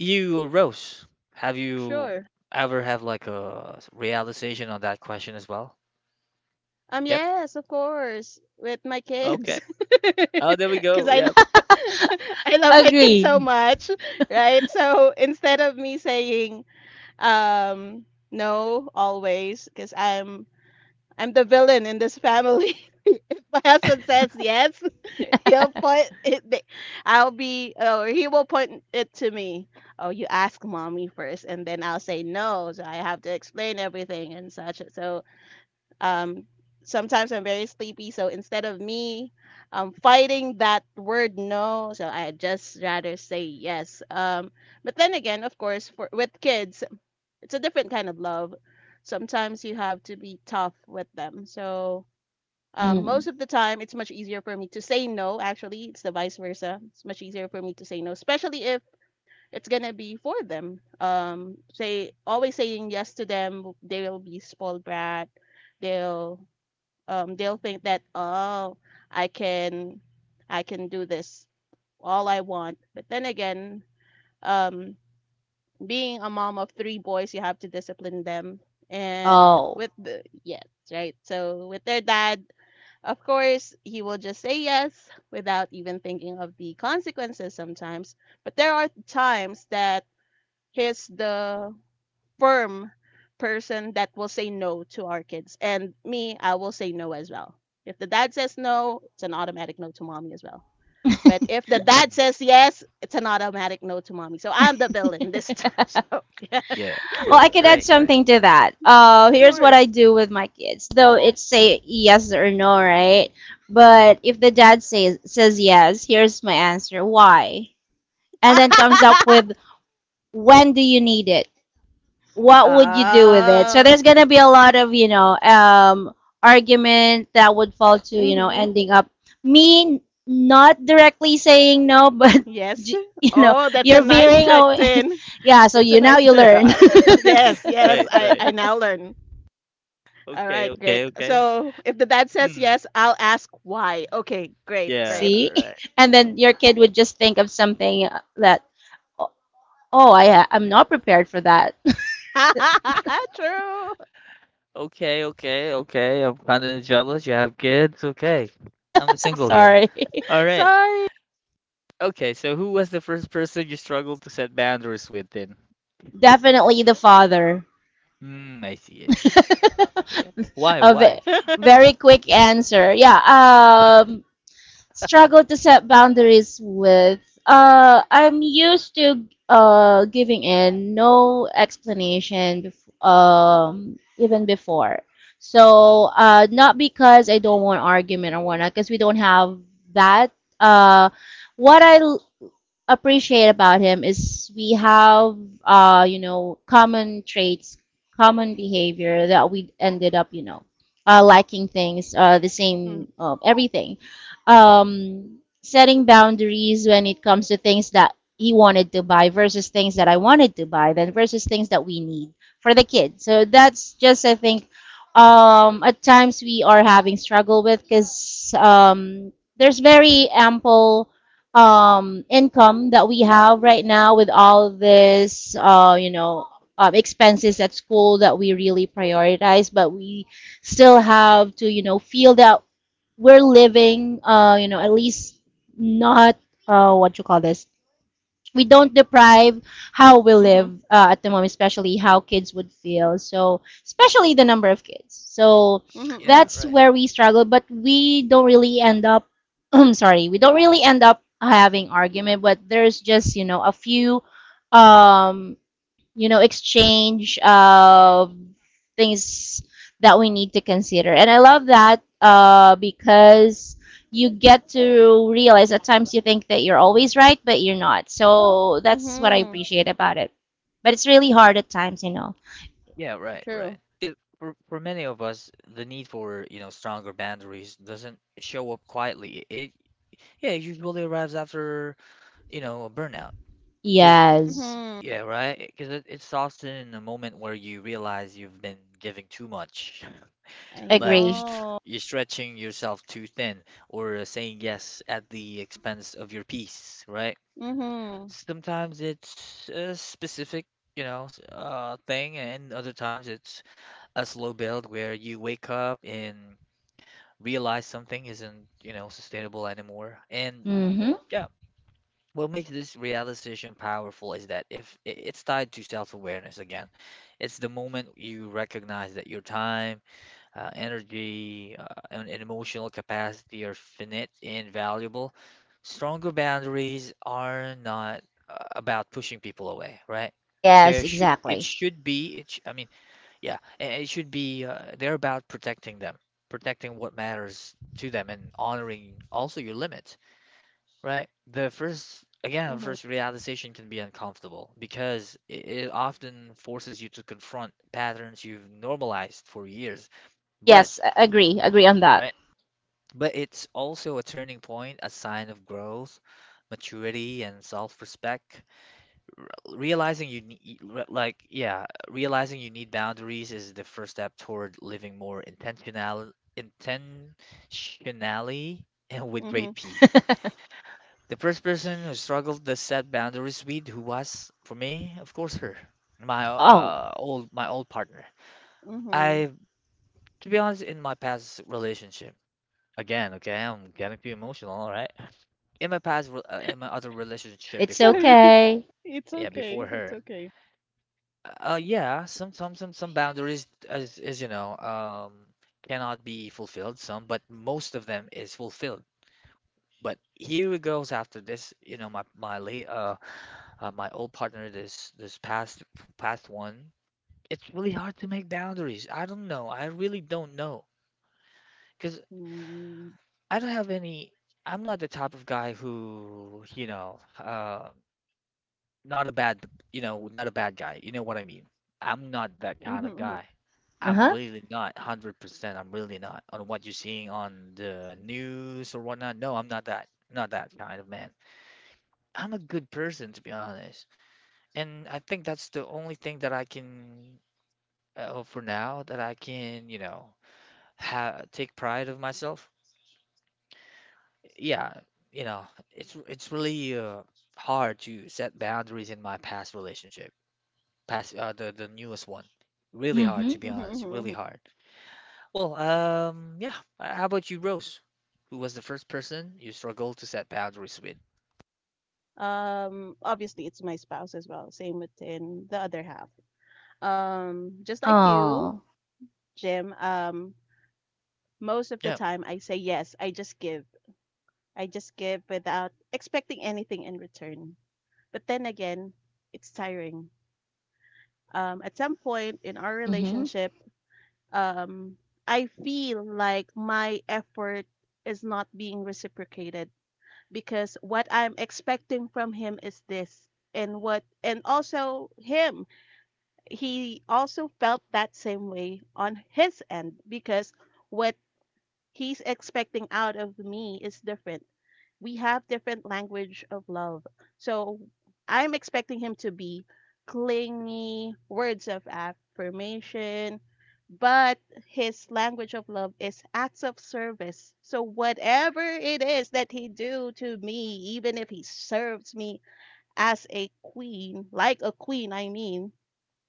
[SPEAKER 1] you or Rose, have you
[SPEAKER 3] Sure.
[SPEAKER 1] ever have like a s- realization on that question as well?
[SPEAKER 3] Um,
[SPEAKER 1] Yep.
[SPEAKER 3] yes, of course, with my kids.
[SPEAKER 1] Okay. Oh, there we
[SPEAKER 3] Because
[SPEAKER 1] go.
[SPEAKER 3] I,
[SPEAKER 1] Yep.
[SPEAKER 3] I love my kids so
[SPEAKER 2] agree.
[SPEAKER 3] much, right? So instead of me saying, um, no, always, because I'm I'm the villain in this family. My husband says yes. He'll put it. th- I'll be, or he will put it to me. Oh, you ask mommy first, and then I'll say no. So I have to explain everything and such. So um, sometimes I'm very sleepy. So instead of me um fighting that word no, so I just rather say yes. Um, but then again, of course, for with kids, it's a different kind of love. Sometimes you have to be tough with them. So um,
[SPEAKER 2] Mm.
[SPEAKER 3] most of the time, it's much easier for me to say no. Actually, it's the vice versa. It's much easier for me to say no, especially if it's gonna be for them. Um, say always saying yes to them, they'll be spoiled brat. They'll um, they'll think that, oh, I can, I can do this all I want. But then again, um, being a mom of three boys, you have to discipline them. And
[SPEAKER 2] Oh.
[SPEAKER 3] with the yes, right. So with their dad, of course, he will just say yes without even thinking of the consequences sometimes. But there are times that he's the firm person that will say no to our kids. And me, I will say no as well. If the dad says no, it's an automatic no to mommy as well. But if the dad
[SPEAKER 1] Mm.
[SPEAKER 3] says yes, it's an automatic no to mommy. So I'm the villain this time. So yeah,
[SPEAKER 1] Yeah.
[SPEAKER 2] Well, I
[SPEAKER 1] Right.
[SPEAKER 2] could add
[SPEAKER 1] Right. Right.
[SPEAKER 2] something to that. Uh, here's
[SPEAKER 3] sure.
[SPEAKER 2] what I do with my kids. Though it's say yes or no, right? But if the dad says says yes, here's my answer. Why? And then comes up with when do you need it? What would you do with it?
[SPEAKER 3] Ah.
[SPEAKER 2] So there's gonna be a lot of you know um, argument that would fall to you know
[SPEAKER 3] Mhm.
[SPEAKER 2] ending up me not directly saying no, but
[SPEAKER 3] Yes.
[SPEAKER 2] you know
[SPEAKER 3] Oh, that's a
[SPEAKER 2] you're
[SPEAKER 3] nice
[SPEAKER 2] veering
[SPEAKER 3] trick,
[SPEAKER 2] away.
[SPEAKER 3] Tin.
[SPEAKER 2] Yeah, so
[SPEAKER 3] That's a
[SPEAKER 2] you now
[SPEAKER 3] nice
[SPEAKER 2] you
[SPEAKER 3] trick.
[SPEAKER 2] learn.
[SPEAKER 3] Yes, yes,
[SPEAKER 1] Right.
[SPEAKER 3] I,
[SPEAKER 1] Right.
[SPEAKER 3] I now learn. All
[SPEAKER 1] Okay.
[SPEAKER 3] right, great.
[SPEAKER 1] Okay. Okay.
[SPEAKER 3] So if the dad says
[SPEAKER 1] Hmm.
[SPEAKER 3] yes, I'll ask why. Okay, great,
[SPEAKER 1] Yeah.
[SPEAKER 3] great.
[SPEAKER 2] See,
[SPEAKER 1] Right.
[SPEAKER 2] and then your kid would just think of something uh, that oh, I I'm not prepared for that.
[SPEAKER 3] True.
[SPEAKER 1] Okay. Okay. Okay. I'm kind of jealous. You have kids. Okay. I'm the single here.
[SPEAKER 2] Sorry.
[SPEAKER 1] All right.
[SPEAKER 3] Sorry.
[SPEAKER 1] Okay. So who was the first person you struggled to set boundaries with then?
[SPEAKER 2] Definitely the father.
[SPEAKER 1] Hmm. I see. I see. Yeah. Why?
[SPEAKER 2] A ve-
[SPEAKER 1] Why?
[SPEAKER 2] very quick answer. Yeah. Um, struggle to set boundaries with. Uh, I'm used to uh giving in, no explanation. Bef- um, even before. So, uh, not because I don't want argument or whatnot, because we don't have that. Uh, what I appreciate about him is we have uh you know common traits, common behavior, that we ended up you know uh, liking things, uh, the
[SPEAKER 3] Mm,
[SPEAKER 2] same, uh, everything. um setting boundaries when it comes to things that he wanted to buy versus things that I wanted to buy then versus things that we need for the kids, so that's just, I think, um at times we are having struggle with because um there's very ample, um, income that we have right now with all this, uh, you know, um, expenses at school that we really prioritize, but we still have to, you know, feel that we're living, uh, you know, at least not, uh, what you call this, we don't deprive how we
[SPEAKER 3] mhm,
[SPEAKER 2] live, uh, at the moment, especially how kids would feel. So, especially the number of kids. So,
[SPEAKER 3] mhm,
[SPEAKER 1] Yeah.
[SPEAKER 3] mhm,
[SPEAKER 2] that's
[SPEAKER 1] Right.
[SPEAKER 2] where we struggle, but we don't really end up, I'm sorry, we don't really end up having argument, but there's just, you know, a few, um you know, exchange of things that we need to consider. And I love that, uh, because you get to realize at times you think that you're always right, but you're not. So that's what I
[SPEAKER 3] mhm.
[SPEAKER 2] appreciate about it. But it's really hard at times, you know.
[SPEAKER 1] Yeah, right,
[SPEAKER 3] True.
[SPEAKER 1] right. 'Cause For for many of us, the need for, you know, stronger boundaries doesn't show up quietly. It Yeah, it usually arrives after, you know, a burnout. 'Cause
[SPEAKER 2] Yes,
[SPEAKER 3] Mhm.
[SPEAKER 1] yeah, right? 'Cause it, it's often in a moment where you realize you've been giving too much.
[SPEAKER 3] I
[SPEAKER 1] Like you're
[SPEAKER 2] agree.
[SPEAKER 1] str-
[SPEAKER 3] know.
[SPEAKER 1] you're stretching yourself too thin or uh, saying yes at the expense of your peace, right?
[SPEAKER 3] Mhm,
[SPEAKER 1] Sometimes it's a specific, you know, s- uh thing and other times it's a slow build where you wake up and realize something isn't, you know, sustainable anymore. And
[SPEAKER 2] Mm-hmm.
[SPEAKER 1] yeah, what makes this realization powerful is that if I- it's tied to self-awareness again, it's the moment you recognize that your time, uh, energy, uh, and, and emotional capacity are finite and valuable. Stronger boundaries are not uh, about pushing people away, right? There
[SPEAKER 2] Yes,
[SPEAKER 1] should it
[SPEAKER 2] exactly.
[SPEAKER 1] should be it sh- I mean, yeah, and it should be uh, they're about protecting them, protecting what matters to them, and honoring also your limit, right? The first, again, the
[SPEAKER 3] mhm,
[SPEAKER 1] first realization can be uncomfortable because it, it often forces you to confront patterns you've normalized for years. But,
[SPEAKER 2] Yes, a- agree. Agree on that.
[SPEAKER 1] right? But it's also a turning point, a sign of growth, maturity, and self-respect. realizing you need like yeah realizing you need boundaries is the first step toward living more intentional intentionally and with great
[SPEAKER 3] mhm,
[SPEAKER 1] peace. The first person who struggled to set boundaries with, who was for me, of course, her, my
[SPEAKER 2] Oh,
[SPEAKER 1] uh old my old partner.
[SPEAKER 3] mhm.
[SPEAKER 1] I, to be honest, in my past relationship, again, okay, I'm getting too emotional, all right, in my past re- uh, in my other relationship
[SPEAKER 2] it's
[SPEAKER 1] before
[SPEAKER 3] Sorry.
[SPEAKER 1] her,
[SPEAKER 2] okay.
[SPEAKER 3] It's
[SPEAKER 1] yeah, before
[SPEAKER 3] okay. It's
[SPEAKER 1] her.
[SPEAKER 3] okay.
[SPEAKER 1] Uh, yeah, some some some some boundaries, as as you know, um, cannot be fulfilled. Some, but most of them is fulfilled. But here it goes after this. You know, my my late uh, uh my old partner, this this past past one. It's really hard to make boundaries. I don't know. I really don't know because
[SPEAKER 3] Mm,
[SPEAKER 1] I don't have any. I'm not the type of guy who you know. Uh, not a bad, you know, not a bad guy. You know what I mean? I'm not that kind
[SPEAKER 3] mhm,
[SPEAKER 1] of
[SPEAKER 3] mhm,
[SPEAKER 1] guy.
[SPEAKER 2] Uh
[SPEAKER 1] I'm
[SPEAKER 2] huh.
[SPEAKER 1] really not one hundred percent. I'm really not on what you're seeing on the news or whatnot. No, I'm not that. Not that kind of man. I'm a good person, to be honest. And I think that's the only thing that I can, uh, for now, that I can, you know, ha take pride of myself. Yeah, you know, it's it's really uh, hard to set boundaries in my past relationship. Pass uh, the the newest one. Really hard,
[SPEAKER 2] Mm-hmm.
[SPEAKER 1] to be
[SPEAKER 3] mhm,
[SPEAKER 1] honest.
[SPEAKER 3] mhm,
[SPEAKER 1] Really
[SPEAKER 3] mhm.
[SPEAKER 1] hard. Well, um, yeah. Uh, How about you, Rose? Who was the first person you struggled to set boundaries with?
[SPEAKER 3] Um, obviously, it's my spouse as well. Same within the other half. Um, just like you,
[SPEAKER 2] Oh.
[SPEAKER 3] Jim. Um, most of the
[SPEAKER 1] Yeah.
[SPEAKER 3] time, I say yes. I just give. I just give without expecting anything in return. But then again, it's tiring. Um, at some point in our
[SPEAKER 2] Mm-hmm.
[SPEAKER 3] relationship, um, I feel like my effort is not being reciprocated because what I'm expecting from him is this, and what, and also him, he also felt that same way on his end because what he's expecting out of me is different. We have different language of love. So I'm expecting him to be clingy, words of affirmation, but his language of love is acts of service. So whatever it is that he do to me, even if he serves me as a queen, like a queen, I mean,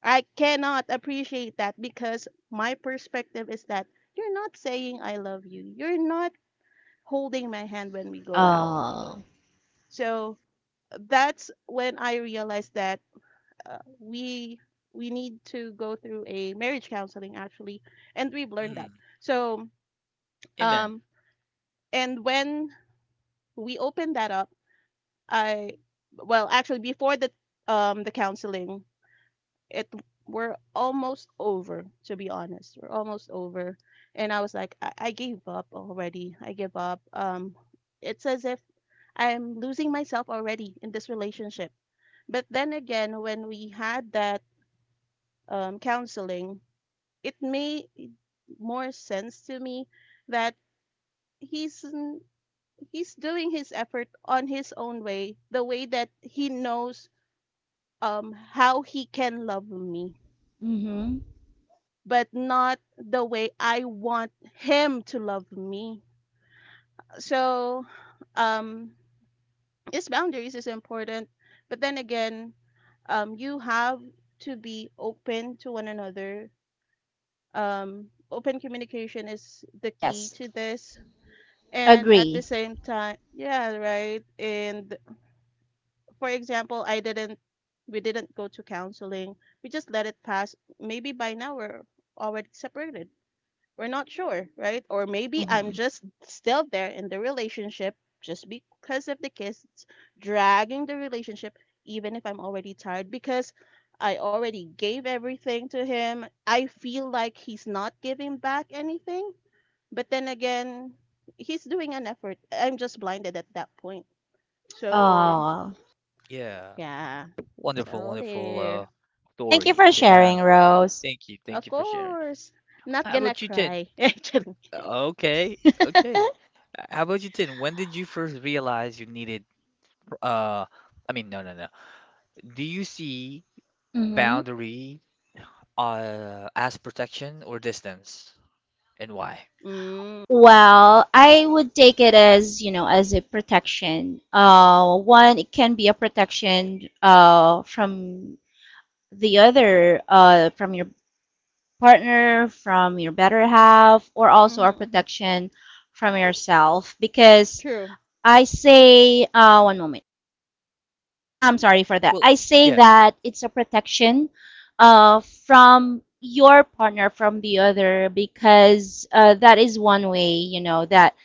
[SPEAKER 3] I cannot appreciate that because my perspective is that you're not saying I love you. You're not holding my hand when we go out.
[SPEAKER 2] Oh.
[SPEAKER 3] So uh, that's when I realized that, uh, we we need to go through a marriage counseling actually, and we've learned that.
[SPEAKER 1] Mm.
[SPEAKER 3] So
[SPEAKER 1] Amen.
[SPEAKER 3] um and when we opened that up, I well, actually, before the um the counseling, it we're almost over, to be honest, we're almost over, and i, was like i, I gave up already. I give up. Um it's as if I'm losing myself already in this relationship. But then again, when we had that um, counseling, it made more sense to me that he's n- he's doing his effort on his own way, the way that he knows um how he can love me,
[SPEAKER 2] Mm-hmm.
[SPEAKER 3] but not the way I want him to love me. So, um, yes, boundaries is important, but then again, um, you have to be open to one another. Um, open communication is the key
[SPEAKER 2] Yes.
[SPEAKER 3] to this. And at the
[SPEAKER 2] Agree.
[SPEAKER 3] same time, yeah, right. And for example, I didn't, we didn't go to counseling. We just let it pass. Maybe by now we're already separated. We're not sure, right? Or maybe I'm
[SPEAKER 2] Mm-hmm.
[SPEAKER 3] just still there in the relationship just because of the kids, dragging the relationship, even if I'm already tired, because I already gave everything to him. I feel like he's not giving back anything. But then again, he's doing an effort. I'm just blinded at that point. So,
[SPEAKER 2] Oh,
[SPEAKER 1] Yeah.
[SPEAKER 3] yeah.
[SPEAKER 1] Wonderful,
[SPEAKER 3] So
[SPEAKER 1] wonderful uh
[SPEAKER 3] there.
[SPEAKER 2] thank you
[SPEAKER 1] story.
[SPEAKER 2] for
[SPEAKER 1] Sh- Uh,
[SPEAKER 2] sharing, Rose.
[SPEAKER 1] thank you, thank you
[SPEAKER 3] Of
[SPEAKER 1] for sharing.
[SPEAKER 3] course.
[SPEAKER 1] How
[SPEAKER 3] Not gonna
[SPEAKER 1] about you, Tin?
[SPEAKER 3] cry. Actually.
[SPEAKER 1] Okay, okay. Uh, How about you, Tin? When did you first realize you needed uh I mean, no, no, no. Do you see
[SPEAKER 2] Mm-hmm.
[SPEAKER 1] boundary uh as protection or distance? And why?
[SPEAKER 3] Mm.
[SPEAKER 2] Well, I would take it as, you know, as a protection. Uh, one, it can be a protection, uh, from the other, uh, from your partner, from your better half, or also a
[SPEAKER 3] Mm-hmm, mm-hmm.
[SPEAKER 2] protection from yourself. Because
[SPEAKER 3] True.
[SPEAKER 2] I say, uh, one moment. I'm sorry for that.
[SPEAKER 1] Well,
[SPEAKER 2] I say
[SPEAKER 1] yeah,
[SPEAKER 2] that it's a protection, uh, from your partner from the other because, uh, that is one way, you know, that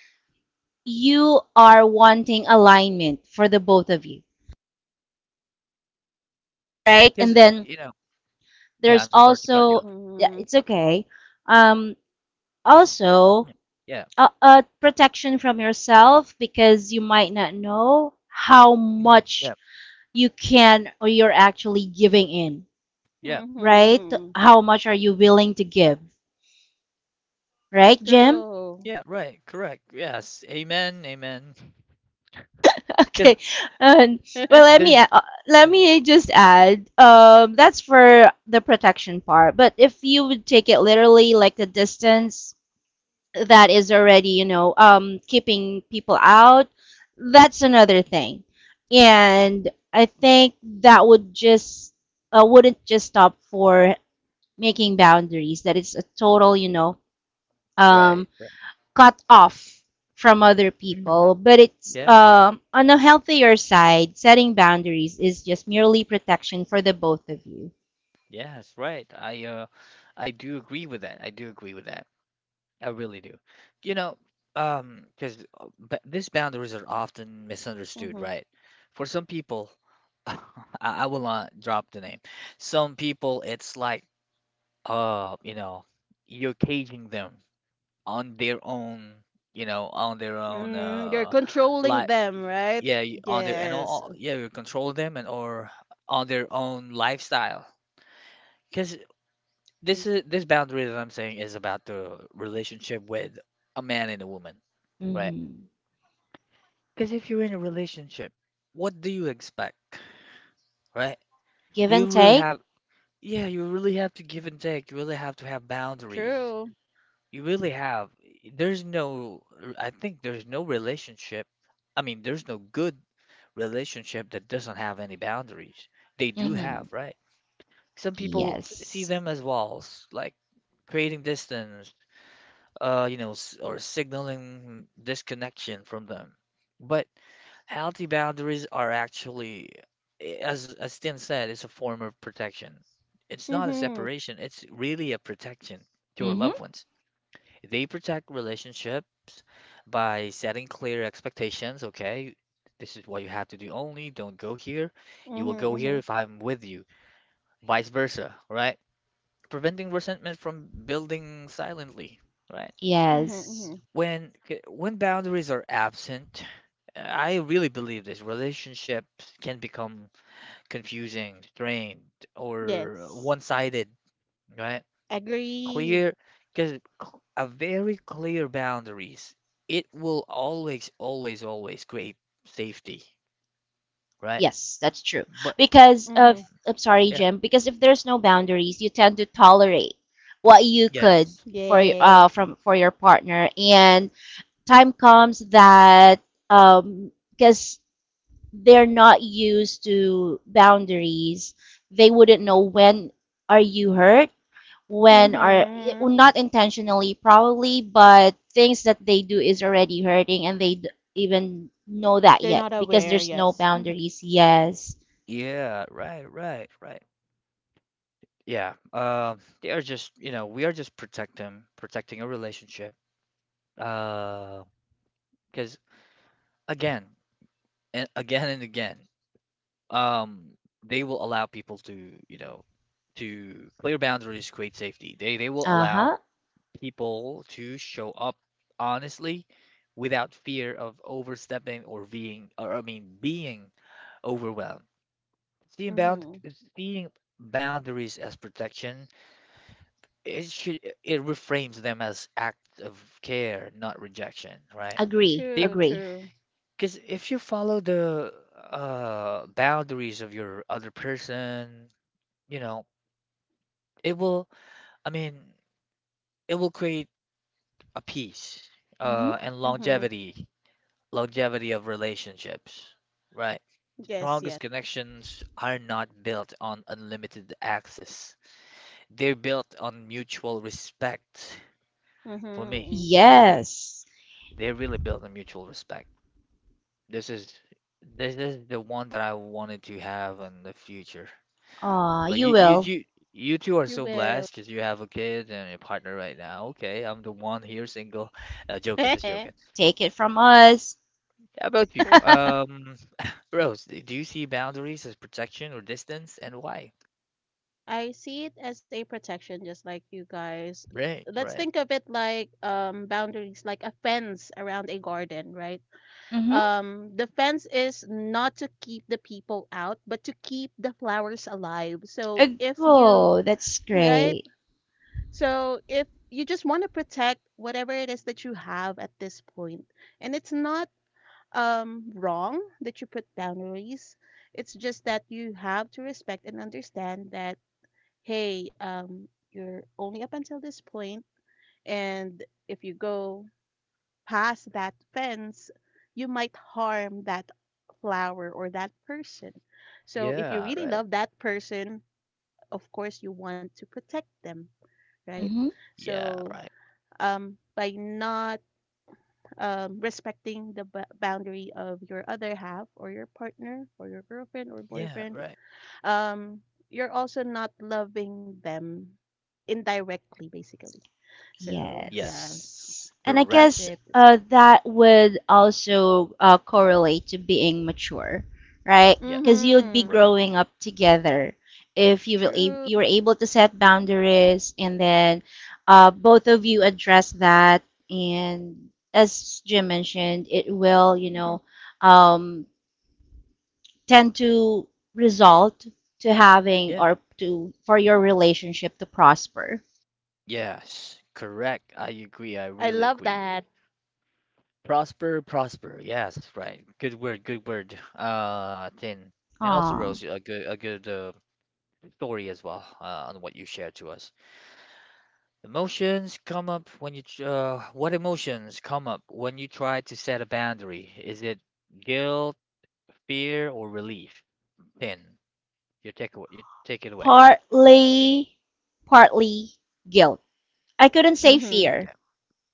[SPEAKER 2] you are wanting alignment for the both of you, right? And
[SPEAKER 1] because
[SPEAKER 2] then
[SPEAKER 1] you know, yeah,
[SPEAKER 2] there's
[SPEAKER 1] I'm so sorry to cut you
[SPEAKER 2] also,
[SPEAKER 1] off.
[SPEAKER 2] yeah,
[SPEAKER 3] Mhm.
[SPEAKER 2] it's okay. Um, also,
[SPEAKER 1] Yeah, yeah,
[SPEAKER 2] a, a protection from yourself because you might not know how
[SPEAKER 1] mm,
[SPEAKER 2] much
[SPEAKER 1] yeah,
[SPEAKER 2] you can or you're actually giving in,
[SPEAKER 1] yeah,
[SPEAKER 2] right?
[SPEAKER 3] Mhm.
[SPEAKER 2] How much are you willing to give, right, Jim?
[SPEAKER 3] True.
[SPEAKER 1] yeah, right, correct. Yes, amen, amen. Because
[SPEAKER 2] Okay, and well, let me
[SPEAKER 1] there's
[SPEAKER 2] uh, let
[SPEAKER 1] Mm,
[SPEAKER 2] me just add. Um, that's for the protection part. But if you would take it literally, like the distance that is already, you know, um, keeping people out, that's another thing. And I think that would just, uh, wouldn't just stop for making boundaries. That it's a total, you know, um,
[SPEAKER 1] right, right.
[SPEAKER 2] cut off from other people,
[SPEAKER 1] Hmm.
[SPEAKER 2] but it's,
[SPEAKER 1] Yeah,
[SPEAKER 2] um on a healthier side. Setting boundaries is just merely protection for the both of you.
[SPEAKER 1] yes, right. I uh, I do agree with that. I do agree with that. I really do. You know, um, because these boundaries are often misunderstood,
[SPEAKER 3] Mhm.
[SPEAKER 1] right? For some people, I, I will not drop the name. Some people, it's like uh, you know, you're caging them on their own, you know, on their own,
[SPEAKER 3] Mm, you're
[SPEAKER 1] uh,
[SPEAKER 3] controlling
[SPEAKER 1] like,
[SPEAKER 3] them, right?
[SPEAKER 1] yeah, y- on their, and
[SPEAKER 3] Yes.
[SPEAKER 1] all, yeah, you control them and or on their own lifestyle. Because
[SPEAKER 3] Mhm.
[SPEAKER 1] this is, this boundary that I'm saying is about the relationship with a man and a woman, right?
[SPEAKER 2] Hmm.
[SPEAKER 1] Because if you're in a relationship, what do you expect, right?
[SPEAKER 2] Give and
[SPEAKER 1] You really
[SPEAKER 2] take.
[SPEAKER 1] have, yeah, you really have to give and take. You really have to have boundaries.
[SPEAKER 3] True.
[SPEAKER 1] You really have. There's no, I think there's no relationship. I mean, there's no good relationship that doesn't have any boundaries. They do have,
[SPEAKER 2] Hmm.
[SPEAKER 1] right? Some people see
[SPEAKER 2] Yes.
[SPEAKER 1] them as walls, like creating distance, uh, you know, s- or signaling disconnection from them. But healthy boundaries are actually, eh, as as Tim said, it's a form of protection. It's not a
[SPEAKER 3] Mhm.
[SPEAKER 1] separation, it's really a protection to our
[SPEAKER 2] Hmm.
[SPEAKER 1] loved ones. They protect relationships by setting clear expectations. Okay, this is what you have to do only. Don't go here. You will go
[SPEAKER 3] Mhm.
[SPEAKER 1] here
[SPEAKER 3] Mhm.
[SPEAKER 1] if I'm with you. Vice versa, right? Preventing resentment from building silently, right?
[SPEAKER 3] Mhm.
[SPEAKER 2] Yes.
[SPEAKER 3] Mhm.
[SPEAKER 1] When when boundaries are absent, I really believe this relationships can become confusing, strained, or
[SPEAKER 3] Yes.
[SPEAKER 1] one-sided, right?
[SPEAKER 3] Agree.
[SPEAKER 1] clear Because a very clear boundaries, it will always, always, always create safety, right?
[SPEAKER 2] Yes, that's true.
[SPEAKER 1] But
[SPEAKER 2] Because
[SPEAKER 3] Mhm.
[SPEAKER 2] of, I'm sorry,
[SPEAKER 1] yeah,
[SPEAKER 2] Jim. Because if there's no boundaries, you tend to tolerate what you could
[SPEAKER 1] yes,
[SPEAKER 2] for uh
[SPEAKER 3] Yes.
[SPEAKER 2] from for your partner, and time comes that, um because they're not used to boundaries. They wouldn't know when are you hurt, when are, well,
[SPEAKER 3] Mhm.
[SPEAKER 2] not intentionally probably, but things that they do is already hurting and they d- even know that
[SPEAKER 3] They're
[SPEAKER 2] yet
[SPEAKER 3] not
[SPEAKER 2] because
[SPEAKER 3] aware.
[SPEAKER 2] there's no
[SPEAKER 3] Yes.
[SPEAKER 2] boundaries. Yes.
[SPEAKER 1] yeah, right, right, right, yeah, uh, they are just you know we are just protecting protecting a relationship, uh because again and again and again, um they will allow people to you know to clear boundaries create safety. They they will allow
[SPEAKER 2] Uh-huh.
[SPEAKER 1] people to show up honestly, without fear of overstepping, or being, or I mean, being overwhelmed. Seeing bound,
[SPEAKER 3] Mm-hmm.
[SPEAKER 1] seeing boundaries as protection, it should it reframes them as acts of care, not rejection, right?
[SPEAKER 2] Agree.
[SPEAKER 1] They
[SPEAKER 3] True,
[SPEAKER 2] Agree.
[SPEAKER 3] true.
[SPEAKER 1] Because if you follow the uh, boundaries of your other person, you know, it will, I mean, it will create a peace,
[SPEAKER 2] Mhm.
[SPEAKER 1] uh, and
[SPEAKER 3] Mm-hmm.
[SPEAKER 1] longevity longevity of relationships, right?
[SPEAKER 3] Yes,
[SPEAKER 1] Strongest
[SPEAKER 3] yes.
[SPEAKER 1] connections are not built on unlimited access. They're built on mutual respect. For me,
[SPEAKER 3] Mm-hmm.
[SPEAKER 1] for me,
[SPEAKER 2] Yes.
[SPEAKER 1] they're really built on mutual respect. This is this is the one that I wanted to have in the future.
[SPEAKER 2] Uh,
[SPEAKER 1] But
[SPEAKER 2] you
[SPEAKER 1] you you
[SPEAKER 2] will
[SPEAKER 1] you you two are
[SPEAKER 3] You
[SPEAKER 1] so
[SPEAKER 3] will.
[SPEAKER 1] blessed because you have a kid and a partner right now. Okay, I'm the one here single. Uh, joking, just joking.
[SPEAKER 2] take it from us.
[SPEAKER 1] How about you?
[SPEAKER 3] True.
[SPEAKER 1] Um, Rose, d- do you see boundaries as protection or distance, and why?
[SPEAKER 3] I see it as a protection, just like you guys.
[SPEAKER 1] Right,
[SPEAKER 3] Let's
[SPEAKER 1] right.
[SPEAKER 3] think of it like um, boundaries, like a fence around a garden, right?
[SPEAKER 2] Mhm.
[SPEAKER 3] Um, the fence is not to keep the people out, but to keep the flowers alive. So
[SPEAKER 2] Ag-
[SPEAKER 3] if you,
[SPEAKER 2] Oh, that's
[SPEAKER 3] right?
[SPEAKER 2] great.
[SPEAKER 3] So if you just want to protect whatever it is that you have at this point, and it's not um, wrong that you put boundaries. It's just that you have to respect and understand that hey, um, you're only up until this point, and if you go past that fence, you might harm that flower or that person. So if you
[SPEAKER 1] Yeah,
[SPEAKER 3] really
[SPEAKER 1] right.
[SPEAKER 3] love that person, of course you want to protect them, right?
[SPEAKER 2] Mhm.
[SPEAKER 1] Yeah,
[SPEAKER 3] So
[SPEAKER 1] right.
[SPEAKER 3] um, by not um, respecting the b- boundary of your other half or your partner or your girlfriend or
[SPEAKER 1] Yeah,
[SPEAKER 3] boyfriend,
[SPEAKER 1] right.
[SPEAKER 3] um, you're also not loving them indirectly, basically. So yeah,
[SPEAKER 1] Yes,
[SPEAKER 3] it's-
[SPEAKER 2] Yes. And I
[SPEAKER 1] correct.
[SPEAKER 3] that's
[SPEAKER 2] guess,
[SPEAKER 3] it. That's it.
[SPEAKER 2] uh, that would also, uh, correlate to being mature, right?
[SPEAKER 1] Yeah,
[SPEAKER 2] Because you'd be
[SPEAKER 3] Mm-hmm.
[SPEAKER 1] right.
[SPEAKER 2] growing up together if you will ab-
[SPEAKER 3] True.
[SPEAKER 2] you were able to set boundaries and then, uh, both of you address that. And as Jim mentioned, it will, you know,
[SPEAKER 3] Mhm.
[SPEAKER 2] um, tend to result to having
[SPEAKER 1] Yeah,
[SPEAKER 2] or to for your relationship to prosper.
[SPEAKER 1] yes, correct. I agree. I
[SPEAKER 3] I
[SPEAKER 1] really
[SPEAKER 3] love
[SPEAKER 1] agree.
[SPEAKER 3] that.
[SPEAKER 1] Prosper, prosper. Yes, right. Good word, good word. Uh, Tin. And also,
[SPEAKER 2] Aw.
[SPEAKER 1] Rose, a good, a good uh, story as well, uh, on what you shared to us. Emotions come up when you, tr- uh, what emotions come up when you try to set a boundary? Is it guilt, fear, or relief? Pin, your take away, you take it away.
[SPEAKER 2] partly partly guilt. I couldn't say
[SPEAKER 3] Mm-hmm.
[SPEAKER 2] fear.
[SPEAKER 1] Okay,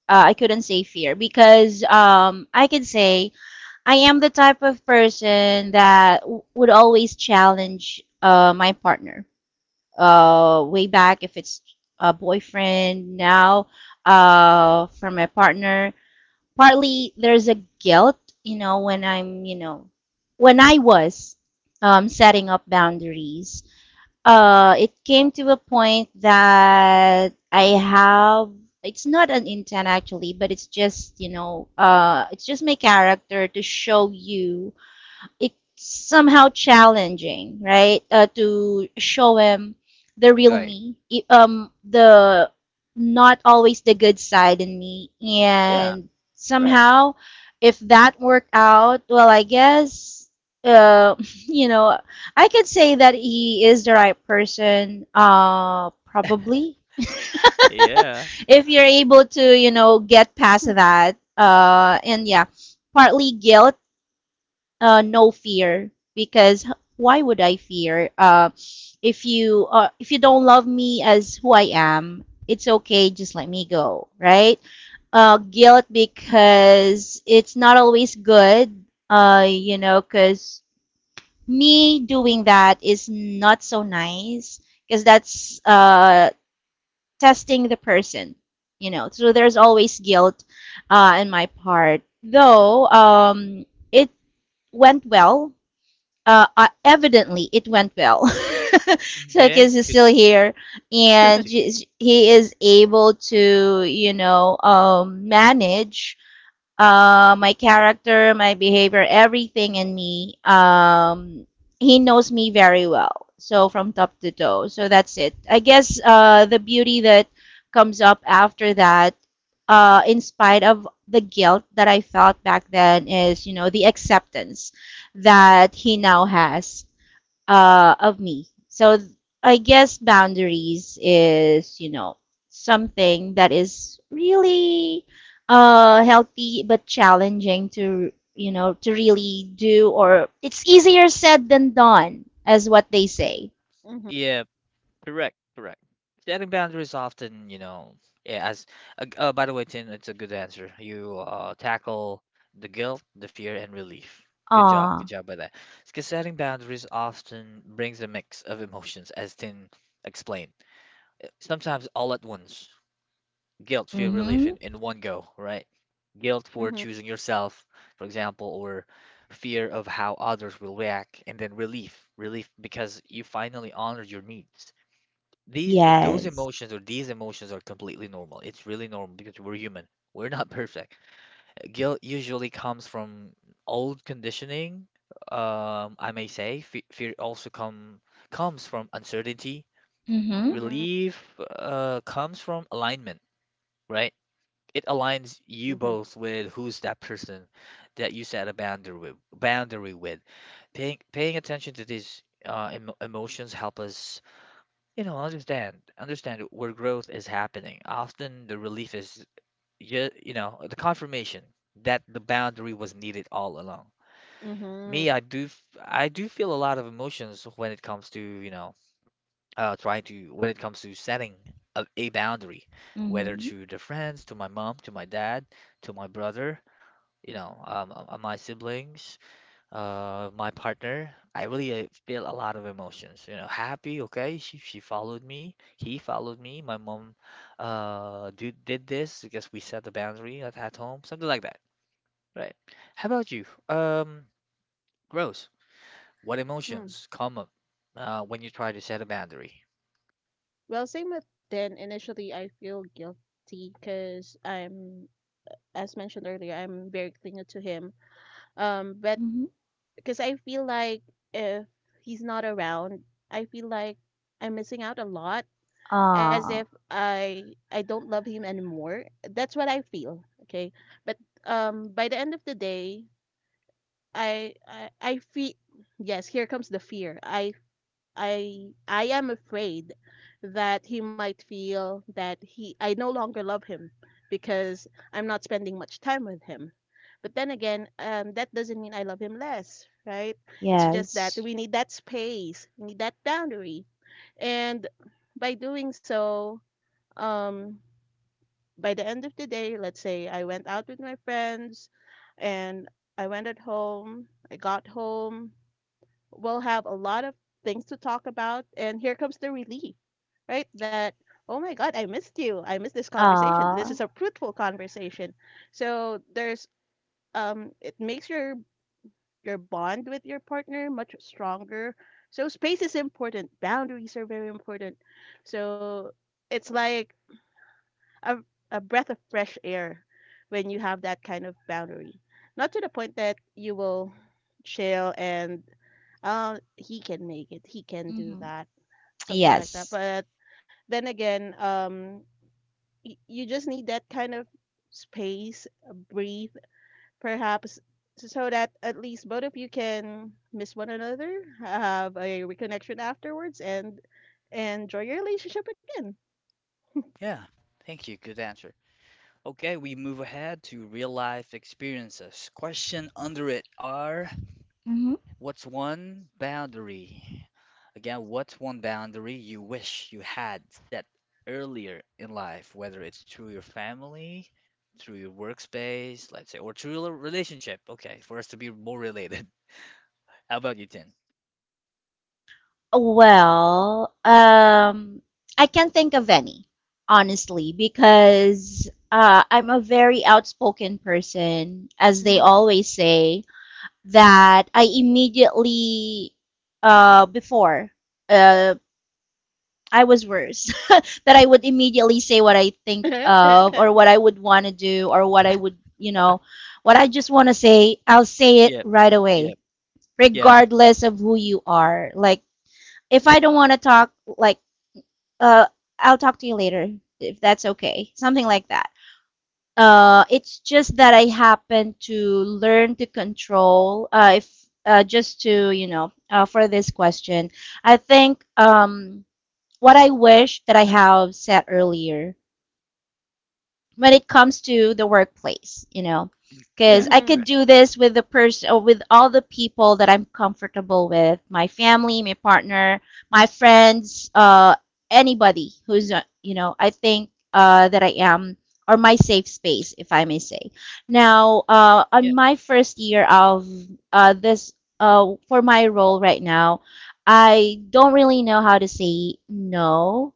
[SPEAKER 2] Uh, I couldn't say fear because, um, I can say I am the type of person that w- would always challenge, uh, my partner. Uh, way back, if it's a boyfriend now, uh, from my partner, partly there's a guilt, you know, when I'm, you know, when I was, um, setting up boundaries, uh, it came to a point that I have, it's not an intent actually, but it's just, you know, uh, it's just my character to show you it's somehow challenging, right? Uh, to show him the real
[SPEAKER 1] right.
[SPEAKER 2] me, e, um, the not always the good side in me,
[SPEAKER 1] Yeah,
[SPEAKER 2] and
[SPEAKER 1] right.
[SPEAKER 2] somehow, if that worked out, well, I guess, uh, you know, I could say that he is the right person, uh, probably.
[SPEAKER 1] Yeah.
[SPEAKER 2] If you're able to, you know, get past that, uh, and yeah, partly guilt uh, no fear because h- why would I fear? Uh, if you uh, if you don't love me as who I am, it's okay. Just let me go, right? Uh, guilt because it's not always good. Uh, you know, because me doing that is not so nice because that's uh testing the person. You know, so there's always guilt, uh, in my part. Though, um, it went well, uh, uh, evidently it went well.
[SPEAKER 1] Okay,
[SPEAKER 2] Circus is
[SPEAKER 1] good,
[SPEAKER 2] still here,
[SPEAKER 1] good
[SPEAKER 2] and
[SPEAKER 1] to hear.
[SPEAKER 2] he is able to, you know, um, manage uh, my character, my behavior, everything in me. Um, he knows me very well, so from top to toe. So that's it. I guess uh, the beauty that comes up after that, uh, in spite of the guilt that I felt back then, is you know the acceptance that he now has uh, of me. So th- I guess boundaries is, you know, something that is really uh, healthy but challenging to, you know, to really do, or it's easier said than done, as what they say.
[SPEAKER 3] Mm-hmm.
[SPEAKER 1] Yeah, correct, correct. Setting boundaries often, you know, yeah, as uh, uh, by the way, Tin, it's a good answer. You uh, tackle the guilt, the fear, and relief. Good job, good
[SPEAKER 2] Ah,
[SPEAKER 1] job by that. Because setting boundaries often brings a mix of emotions, as Tin explained. Uh, Sometimes all at once, guilt, fear, relief
[SPEAKER 2] mm-hmm,
[SPEAKER 1] in, in one go, right? Guilt for
[SPEAKER 3] Mm-hmm.
[SPEAKER 1] choosing yourself, for example, or fear of how others will react, and then relief, relief because you finally honored your needs. these those
[SPEAKER 2] yes,
[SPEAKER 1] emotions or these emotions are completely normal. It's really normal because we're human. We're not perfect. Guilt usually comes from old conditioning, um, I may say. Fe fear also come comes from uncertainty.
[SPEAKER 2] mm-hmm,
[SPEAKER 3] Mm-hmm.
[SPEAKER 1] Relief uh, comes from alignment, right? It aligns you
[SPEAKER 3] Mm-hmm.
[SPEAKER 1] both with who's that person that you set a boundary with, boundary with. Paying paying attention to these uh, emo emotions help us you know, understand, understand where growth is happening. Often the relief is, you, you know, the confirmation that the boundary was needed all along.
[SPEAKER 3] Mm-hmm.
[SPEAKER 1] Me, I do, f- I do feel a lot of emotions when it comes to, you know, uh, trying to, when it comes to setting a, a boundary, whether
[SPEAKER 2] mm-hmm,
[SPEAKER 1] to the friends, to my mom, to my dad, to my brother, you know, um, uh, my siblings uh my partner, I really uh, feel a lot of emotions. You know, happy, okay, she she followed me, he followed me. My mom uh do, did this because we set the boundary at, at home, something like that, right? How about you? Um, Rose, what
[SPEAKER 3] Mm.
[SPEAKER 1] emotions come up uh, when you try to set a boundary?
[SPEAKER 3] Well, same with then. Initially, I feel guilty because I'm, as mentioned earlier, I'm very clingy to him. Um, but
[SPEAKER 2] mm-hmm,
[SPEAKER 3] because I feel like if he's not around, I feel like I'm missing out a lot as if
[SPEAKER 2] ah,
[SPEAKER 3] I I don't love him anymore. That's what I feel, okay? But um by the end of the day, I I, I feel yes, here comes the fear. I I I am afraid that he might feel that he I no longer love him because I'm not spending much time with him. But then again, um, that doesn't mean I love him less, right? It's just that
[SPEAKER 2] yes,
[SPEAKER 3] we need that space, we need that boundary, and by doing so, um, by the end of the day, let's say I went out with my friends, and I went at home, I got home, we'll have a lot of things to talk about. And here comes the relief, right? That, oh my God, I missed you. I missed this conversation. This
[SPEAKER 2] ah,
[SPEAKER 3] is a fruitful conversation. So there's, um, it makes your, your bond with your partner much stronger. So space is important. Boundaries are very important. So it's like a, a breath of fresh air when you have that kind of boundary. Not to the point that you will chill and uh, he can make it. He can do
[SPEAKER 2] mm-hmm,
[SPEAKER 3] that. Something like that.
[SPEAKER 2] yes,
[SPEAKER 3] But then again, um, y- you just need that kind of space, uh, breathe, perhaps, s- so that at least both of you can miss one another, have a reconnection afterwards, and enjoy your relationship again.
[SPEAKER 1] Yeah, thank you. Good answer. Okay, we move ahead to real life experiences. Question under it are
[SPEAKER 2] mm-hmm.
[SPEAKER 1] what's one boundary? Again, what's one boundary you wish you had set earlier in life, whether it's through your family, through your workspace, let's say, or through your relationship? Okay, for us to be more related. How about you, Tin?
[SPEAKER 2] Well, um, I can't think of any, honestly, because uh, I'm a very outspoken person, as they
[SPEAKER 3] Mhm.
[SPEAKER 2] always say, that I immediately, uh, before, uh, I was worse, that I would immediately say what I think of, or what I would want to do, or what I would, you know, what I just want to say, I'll say it
[SPEAKER 1] Yep.
[SPEAKER 2] right away,
[SPEAKER 1] Yep. Yeah.
[SPEAKER 2] regardless of who you are. Like, if I don't want to talk, like, uh, I'll talk to you later if that's okay. Something like that. Uh, it's just that I happen to learn to control. Uh, if uh, Just to you know, uh, for this question, I think um, what I wish that I have said earlier when it comes to the workplace, you know, because
[SPEAKER 1] Yeah,
[SPEAKER 2] I
[SPEAKER 3] Mhm.
[SPEAKER 2] could
[SPEAKER 1] right.
[SPEAKER 2] do this with the person or with all the people that I'm comfortable with, my family, my partner, my friends, uh, anybody who's, uh, you know, I think uh, that I am or my safe space, if I may say. Now, uh,
[SPEAKER 1] Yeah.
[SPEAKER 2] on my first year of uh, this, uh, for my role right now, I don't really know how to say no.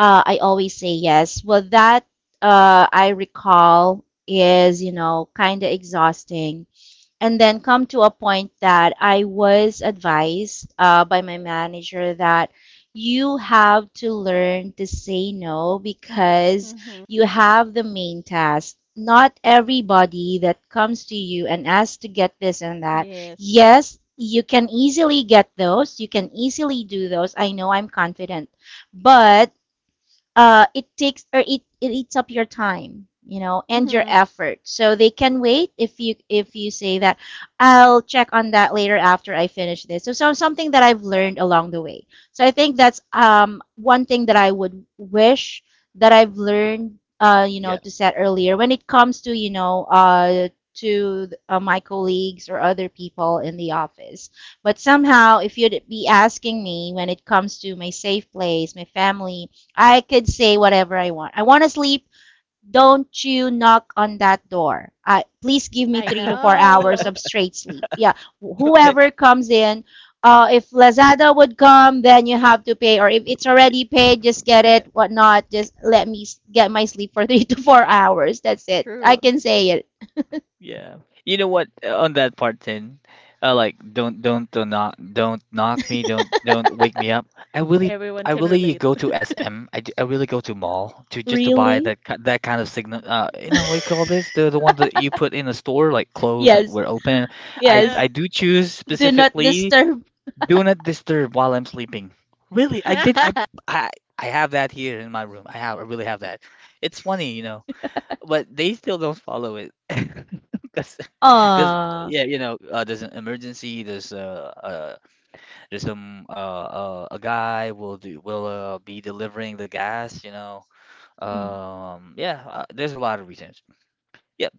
[SPEAKER 2] Uh, I always say yes. Well, that uh, I recall is, you know, kind of exhausting. And then come to a point that I was advised uh, by my manager that you have to learn to say no, because
[SPEAKER 3] Mhm.
[SPEAKER 2] you have the main task. Not everybody that comes to you and asks to get this and that.
[SPEAKER 3] Yes.
[SPEAKER 2] Yes, you can easily get those. You can easily do those. I know I'm confident. But uh, it takes, or it, it eats up your time, you know, and your
[SPEAKER 3] Mhm.
[SPEAKER 2] effort, so they can wait. If you, if you say that, I'll check on that later after I finish this. So, so something that I've learned along the way. So I think that's um, one thing that I would wish that I've learned uh, you know,
[SPEAKER 1] Yeah.
[SPEAKER 2] to set earlier when it comes to, you know, uh, to uh, my colleagues or other people in the office. But somehow, if you'd be asking me when it comes to my safe place, my family, I could say whatever I want. I want to sleep. Don't you knock on that door. Uh, please give me
[SPEAKER 3] I
[SPEAKER 2] three to four hours
[SPEAKER 3] know.
[SPEAKER 2] of straight sleep. Yeah,
[SPEAKER 1] Okay.
[SPEAKER 2] whoever comes in, uh, if Lazada would come, then you have to pay. Or if it's already paid, just get it, whatnot. Just let me get my sleep for three to four hours. That's it. I
[SPEAKER 3] True.
[SPEAKER 2] can say it.
[SPEAKER 1] Yeah. You know what? uh, On that part, then, uh, like, don't, don't, don't knock, don't knock me, don't, don't wake me up. I really,
[SPEAKER 3] Everyone
[SPEAKER 1] I
[SPEAKER 3] can
[SPEAKER 1] really
[SPEAKER 3] relate.
[SPEAKER 1] go to S M. I, d- I really go to mall to just to buy
[SPEAKER 2] Really?
[SPEAKER 1] that ki- that kind of signal. Uh, you know what you call this? The the one that you put in the store, like close and
[SPEAKER 2] Yes,
[SPEAKER 1] we're open. I I
[SPEAKER 2] yes.
[SPEAKER 1] do choose
[SPEAKER 2] Do not
[SPEAKER 1] specifically
[SPEAKER 2] disturb.
[SPEAKER 1] do not disturb while I'm sleeping. Really, I did. I I I have that here in my room. I have. I really have that. It's funny, you know, but they still don't follow it. 'Cause because
[SPEAKER 2] Uh.
[SPEAKER 1] yeah, you know, uh, there's an emergency. There's uh, uh there's some uh, uh a guy will do will uh, be delivering the gas. You know,
[SPEAKER 2] Mm-hmm.
[SPEAKER 1] um, yeah, uh, there's a lot of reasons. Yep,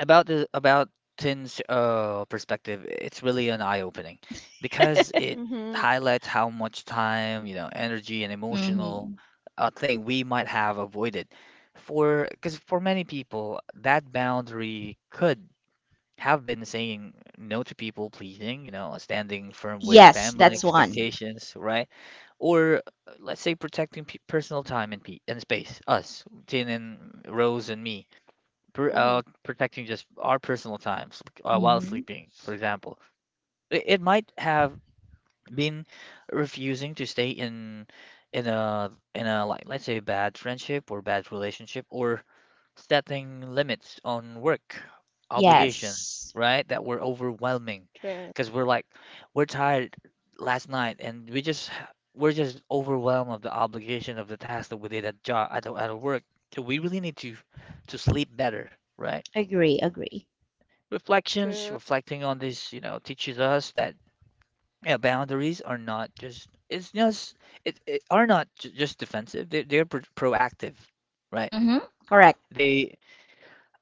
[SPEAKER 1] about the about Tin's uh perspective, it's really an eye-opening because it
[SPEAKER 3] Mhm.
[SPEAKER 1] highlights how much time, you know, energy and emotional uh, thing we might have avoided. For because for many people, that boundary could have been saying no to people pleasing, you know, standing firm with
[SPEAKER 2] Yes,
[SPEAKER 1] family
[SPEAKER 2] that's
[SPEAKER 3] Yes.
[SPEAKER 2] one.
[SPEAKER 1] expectations, right? Or uh, let's say protecting pe- personal time and, pe- and space, us, Tin and Rose and me, per-
[SPEAKER 3] Mhm.
[SPEAKER 1] uh, protecting just our personal times uh, while
[SPEAKER 2] Mm-hmm.
[SPEAKER 1] sleeping, for example. It, it might have been refusing to stay in in a in a like let's say bad friendship or bad relationship or setting limits on work obligations,
[SPEAKER 2] Yes.
[SPEAKER 1] right? That were overwhelming
[SPEAKER 3] True.
[SPEAKER 1] because we're like, we're tired last night and we just, ha- we're just overwhelmed of the obligation of the task that we did at job, at, the- at the work. So we really need to, to sleep better, right?
[SPEAKER 2] Agree, agree.
[SPEAKER 1] Reflections,
[SPEAKER 3] True.
[SPEAKER 1] reflecting on this, you know, teaches us that yeah, boundaries are not just, it's just, it, it are not ju- just defensive. They, they're pro proactive, right?
[SPEAKER 2] Mm-hmm. Correct.
[SPEAKER 1] They,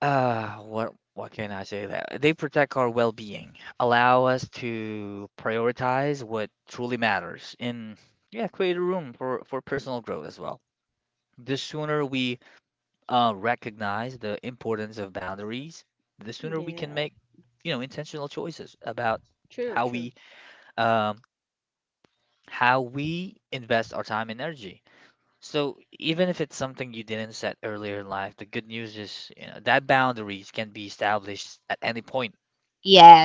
[SPEAKER 1] Uh, what what can I say that they protect our well-being, allow us to prioritize what truly matters, and yeah, create a room for for personal growth as well. The sooner we uh, recognize the importance of boundaries, the sooner we can
[SPEAKER 3] Yeah.
[SPEAKER 1] make, you know, intentional choices about
[SPEAKER 3] True.
[SPEAKER 1] how
[SPEAKER 3] True.
[SPEAKER 1] we um how we invest our time and energy. So even if it's something you didn't set earlier in life, the good news is, you know, that boundaries can be established at any point.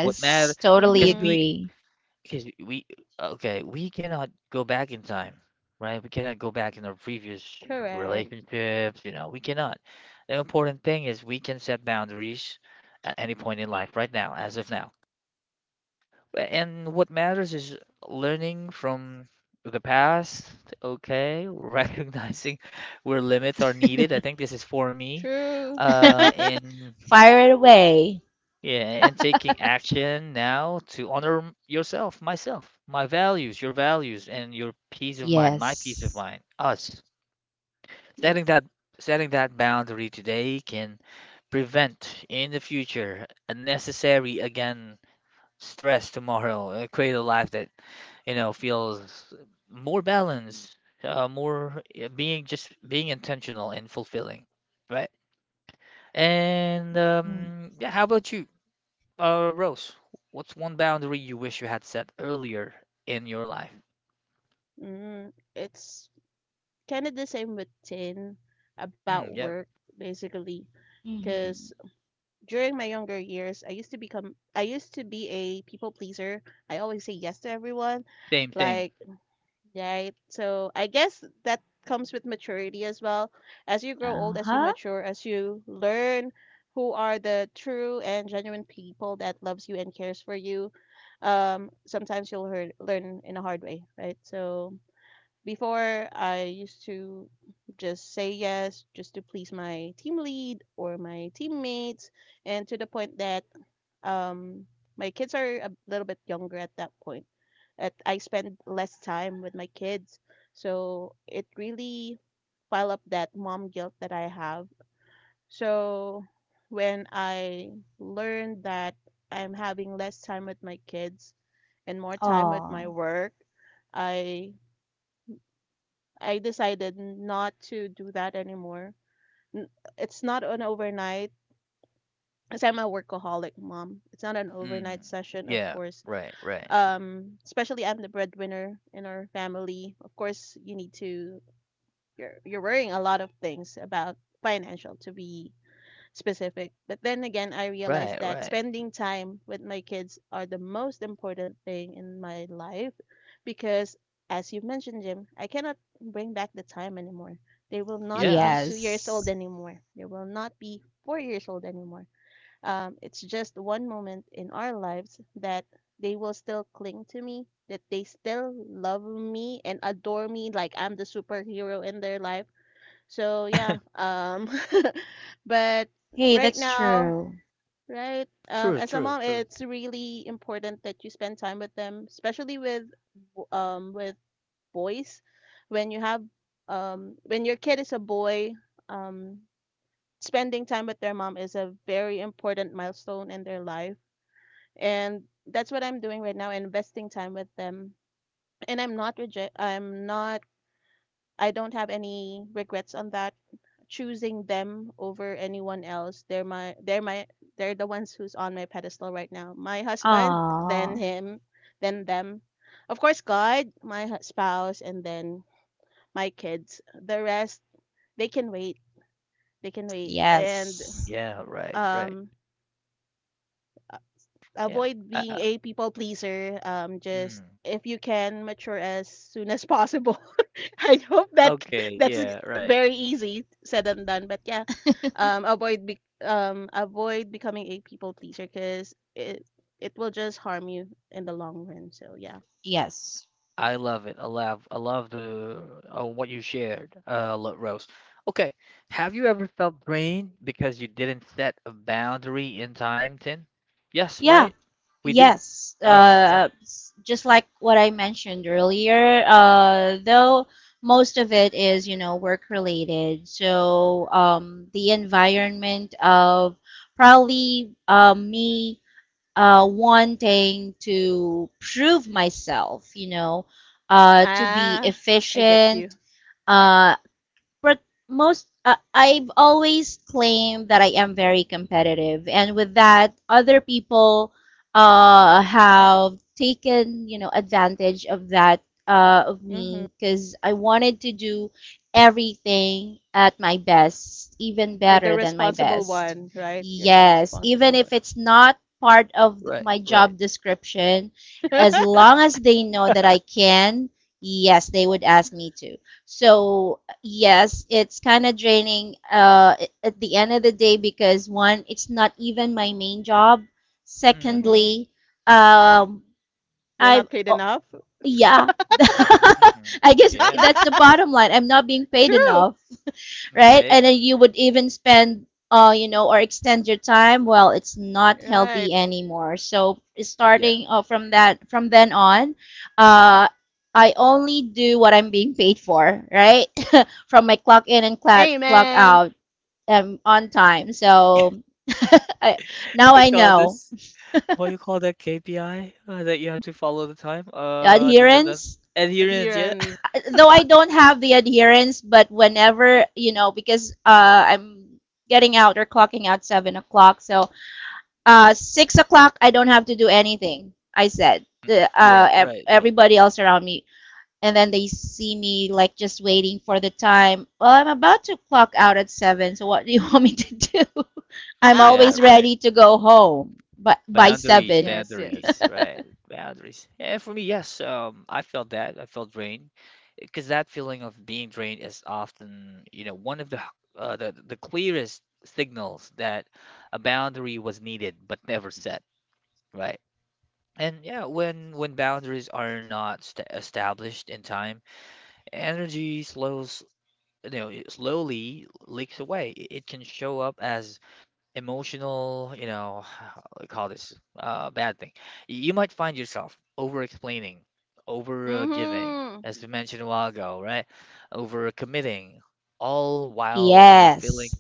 [SPEAKER 1] What matter?
[SPEAKER 2] Totally
[SPEAKER 1] Because
[SPEAKER 3] Mhm.
[SPEAKER 1] we,
[SPEAKER 2] agree.
[SPEAKER 1] because we, okay, we cannot go back in time, right? We cannot go back in our previous
[SPEAKER 3] Correct.
[SPEAKER 1] relationships. You know, we cannot. The important thing is we can set boundaries at any point in life, right now, as of now. And what matters is learning from the past, okay, recognizing where limits are needed. I think this is for me,
[SPEAKER 3] True.
[SPEAKER 1] uh, and
[SPEAKER 2] Fire it away.
[SPEAKER 1] yeah, and taking action now to honor m- yourself, myself, my values, your values, and your peace of mind, my peace of
[SPEAKER 2] Yes.
[SPEAKER 1] mind, us. Setting
[SPEAKER 3] Yes.
[SPEAKER 1] that setting that boundary today can prevent in the future unnecessary again stress tomorrow and create a life that you know feels more balanced, uh, more uh, being just being intentional and fulfilling, right? And
[SPEAKER 2] Mm-hmm.
[SPEAKER 1] um, yeah, how about you? Uh, Rose, what's one boundary you wish you had set earlier in your life?
[SPEAKER 3] Mm, it's kind of the same with Tin about
[SPEAKER 1] Mm, yeah,
[SPEAKER 3] work, basically. Because during my younger years, I used to become, I used to be a people pleaser. I always say yes to everyone.
[SPEAKER 1] same, same.
[SPEAKER 3] Like, right. So I guess that comes with maturity as well. As you grow old, as you
[SPEAKER 2] Uh-huh.
[SPEAKER 3] mature, as you learn who are the true and genuine people that loves you and cares for you, um, sometimes you'll hear, learn in a hard way, right? So before I used to just say yes just to please my team lead or my teammates, and to the point that um my kids are a little bit younger at that point at I spend less time with my kids, so it really pile up that mom guilt that I have. So when I learned that I'm having less time with my kids and more time with my
[SPEAKER 2] Oh.
[SPEAKER 3] work, i i decided not to do that anymore. N- it's not an overnight, because I'm a workaholic mom. It's not an
[SPEAKER 1] Mm,
[SPEAKER 3] overnight session, of
[SPEAKER 1] yeah,
[SPEAKER 3] course.
[SPEAKER 1] right, right,
[SPEAKER 3] Um, especially I'm the breadwinner in our family. Of course, you need to, you're you're worrying a lot of things about financial, to be specific. But then again, I
[SPEAKER 1] right,
[SPEAKER 3] realized that
[SPEAKER 1] right.
[SPEAKER 3] spending time with my kids are the most important thing in my life, because as you mentioned, Jim, I cannot bring back the time anymore. They will not be
[SPEAKER 1] Yes,
[SPEAKER 3] two years old
[SPEAKER 2] Yes.
[SPEAKER 3] anymore. They will not be four years old anymore. Um, it's just one moment in our lives that they will still cling to me, that they still love me and adore me like I'm the superhero in their life. So yeah, um, but
[SPEAKER 2] Hey,
[SPEAKER 3] right
[SPEAKER 2] that's
[SPEAKER 3] now,
[SPEAKER 2] true.
[SPEAKER 3] right, um,
[SPEAKER 1] true,
[SPEAKER 3] as a
[SPEAKER 1] true,
[SPEAKER 3] mom,
[SPEAKER 1] true.
[SPEAKER 3] it's really important that you spend time with them, especially with w- um with boys. When you have um when your kid is a boy, um, spending time with their mom is a very important milestone in their life, and that's what I'm doing right now, investing time with them. And I'm not reject I'm not, I don't have any regrets on that. Choosing them over anyone else. They're my they're my they're the ones who's on my pedestal right now. My husband, then
[SPEAKER 2] Oh.
[SPEAKER 3] him, then them. Of course, God, my hu- spouse, and then my kids. The rest, they can wait. They can wait. And
[SPEAKER 2] Yes.
[SPEAKER 1] Yeah, right, right.
[SPEAKER 3] um
[SPEAKER 1] Yeah.
[SPEAKER 3] avoid
[SPEAKER 1] Uh,
[SPEAKER 3] being
[SPEAKER 1] uh,
[SPEAKER 3] a people pleaser. Um, just
[SPEAKER 1] mm,
[SPEAKER 3] if you can mature as soon as possible. I hope that
[SPEAKER 1] okay,
[SPEAKER 3] that's
[SPEAKER 1] yeah, right.
[SPEAKER 3] very easy said and done. But yeah, um, avoid be- um, avoid becoming a people pleaser because it it will just harm you in the long run. So yeah,
[SPEAKER 2] Yes.
[SPEAKER 1] I love it. I love I love the uh, what you shared, uh, Lo- Rose. Okay, have you ever felt drained because you didn't set a boundary in time, Tin? Yes,
[SPEAKER 2] Yeah.
[SPEAKER 1] right? We do.
[SPEAKER 2] Yes,
[SPEAKER 1] Us,
[SPEAKER 3] yes,
[SPEAKER 1] yeah.
[SPEAKER 2] uh, s- just like what I mentioned earlier, uh, though most of it is, you know, work related. So um, the environment of probably uh, me uh, wanting to prove myself, you know, uh, to be
[SPEAKER 3] ah, I get you.
[SPEAKER 2] efficient, uh, but most uh, I've always claimed that I am very competitive, and with that, other people uh, have taken, you know, advantage of that uh, of
[SPEAKER 3] Mm-hmm.
[SPEAKER 2] me, because I wanted to do everything at my best, even
[SPEAKER 3] You're the
[SPEAKER 2] better than my
[SPEAKER 3] responsible
[SPEAKER 2] best.
[SPEAKER 3] one, right? You're the
[SPEAKER 2] Yes,
[SPEAKER 3] responsible
[SPEAKER 2] even if
[SPEAKER 3] one.
[SPEAKER 2] it's not part of th-
[SPEAKER 1] Right,
[SPEAKER 2] my job
[SPEAKER 1] right.
[SPEAKER 2] description, as long as they know that I can, yes, they would ask me to. So yes, it's kind of draining uh, a- at the end of the day, because one, it's not even my main job.
[SPEAKER 1] Mm,
[SPEAKER 3] Mm-hmm.
[SPEAKER 2] Secondly, um,
[SPEAKER 3] You're
[SPEAKER 2] I
[SPEAKER 3] not paid
[SPEAKER 2] oh,
[SPEAKER 3] enough.
[SPEAKER 2] yeah,
[SPEAKER 1] mm, mm, mm.
[SPEAKER 2] I guess
[SPEAKER 1] Yeah.
[SPEAKER 2] that's the bottom line. I'm not being paid
[SPEAKER 3] True.
[SPEAKER 2] enough, right?
[SPEAKER 1] Okay.
[SPEAKER 2] And then you would even spend, uh, you know, or extend your time. Well, it's not
[SPEAKER 3] Right.
[SPEAKER 2] healthy anymore. So
[SPEAKER 1] Yeah.
[SPEAKER 2] starting uh, from that, from then on, uh, I only do what I'm being paid for, right? From my clock in and clock clock
[SPEAKER 3] Amen.
[SPEAKER 2] out, um, on time. So I, now
[SPEAKER 1] We
[SPEAKER 2] I
[SPEAKER 1] call
[SPEAKER 2] know
[SPEAKER 1] this what you call that K P I uh, that you have to follow the time?
[SPEAKER 2] the
[SPEAKER 1] Uh, the, the, the
[SPEAKER 2] adherence.
[SPEAKER 1] adherence, yeah.
[SPEAKER 3] Adherence.
[SPEAKER 2] Though I don't have the adherence, but whenever, you know, because uh, I'm getting out or clocking out seven o'clock, so uh, six o'clock, I don't have to do anything. I said, the,
[SPEAKER 1] Yeah,
[SPEAKER 2] uh, ev-
[SPEAKER 1] right, right.
[SPEAKER 2] everybody else around me. And then they see me like just waiting for the time. Well, I'm about to clock out at seven. So what do you want me to do? I'm
[SPEAKER 1] Yeah,
[SPEAKER 2] always
[SPEAKER 1] right.
[SPEAKER 2] ready to go home, but by
[SPEAKER 1] Boundaries,
[SPEAKER 2] seven.
[SPEAKER 3] Yes, yes.
[SPEAKER 1] boundaries, right? Boundaries. And for me, yes, um, I felt that. I felt drained, because that feeling of being drained is often, you know, one of the h- uh, the the clearest signals that a boundary was needed but never set, right? And yeah, when when boundaries are not st established in time, energy slows, you know, it slowly leaks away. It it can show up as emotional, you know, I call this uh, bad thing. Y- You might find yourself over explaining, over uh, giving,
[SPEAKER 3] Mhm.
[SPEAKER 1] as we mentioned a while ago, right? Over committing, all while, you know, feeling
[SPEAKER 2] Yes,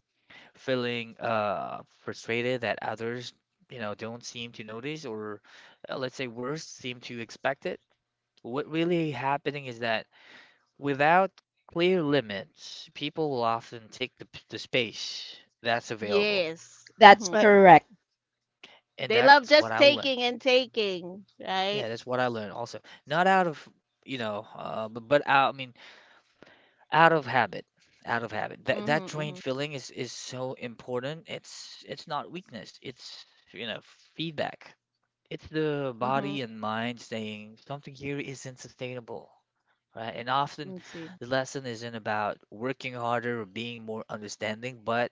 [SPEAKER 1] feeling uh frustrated that others, you know, don't seem to notice or uh, let's say worse, seem to expect it. What really happening is that without clear limits, people will often take the, p- the space that's available.
[SPEAKER 3] Yes.
[SPEAKER 2] that's
[SPEAKER 3] Mhm.
[SPEAKER 1] Right.
[SPEAKER 2] correct.
[SPEAKER 1] And
[SPEAKER 3] They love
[SPEAKER 1] that's what
[SPEAKER 3] just
[SPEAKER 1] I learned.
[SPEAKER 3] taking and taking, right?
[SPEAKER 1] Yeah, that's what I learned also. Not out of, you know, uh, but, but out, I mean, out of habit, out of habit. That that drained
[SPEAKER 3] Mhm.
[SPEAKER 1] feeling is is so important. It's it's not weakness. It's, you know, feedback. It's the
[SPEAKER 3] Mhm. Mhm.
[SPEAKER 1] body and mind saying something here isn't sustainable, right? And often
[SPEAKER 3] Let's see.
[SPEAKER 1] the lesson isn't about working harder or being more understanding, but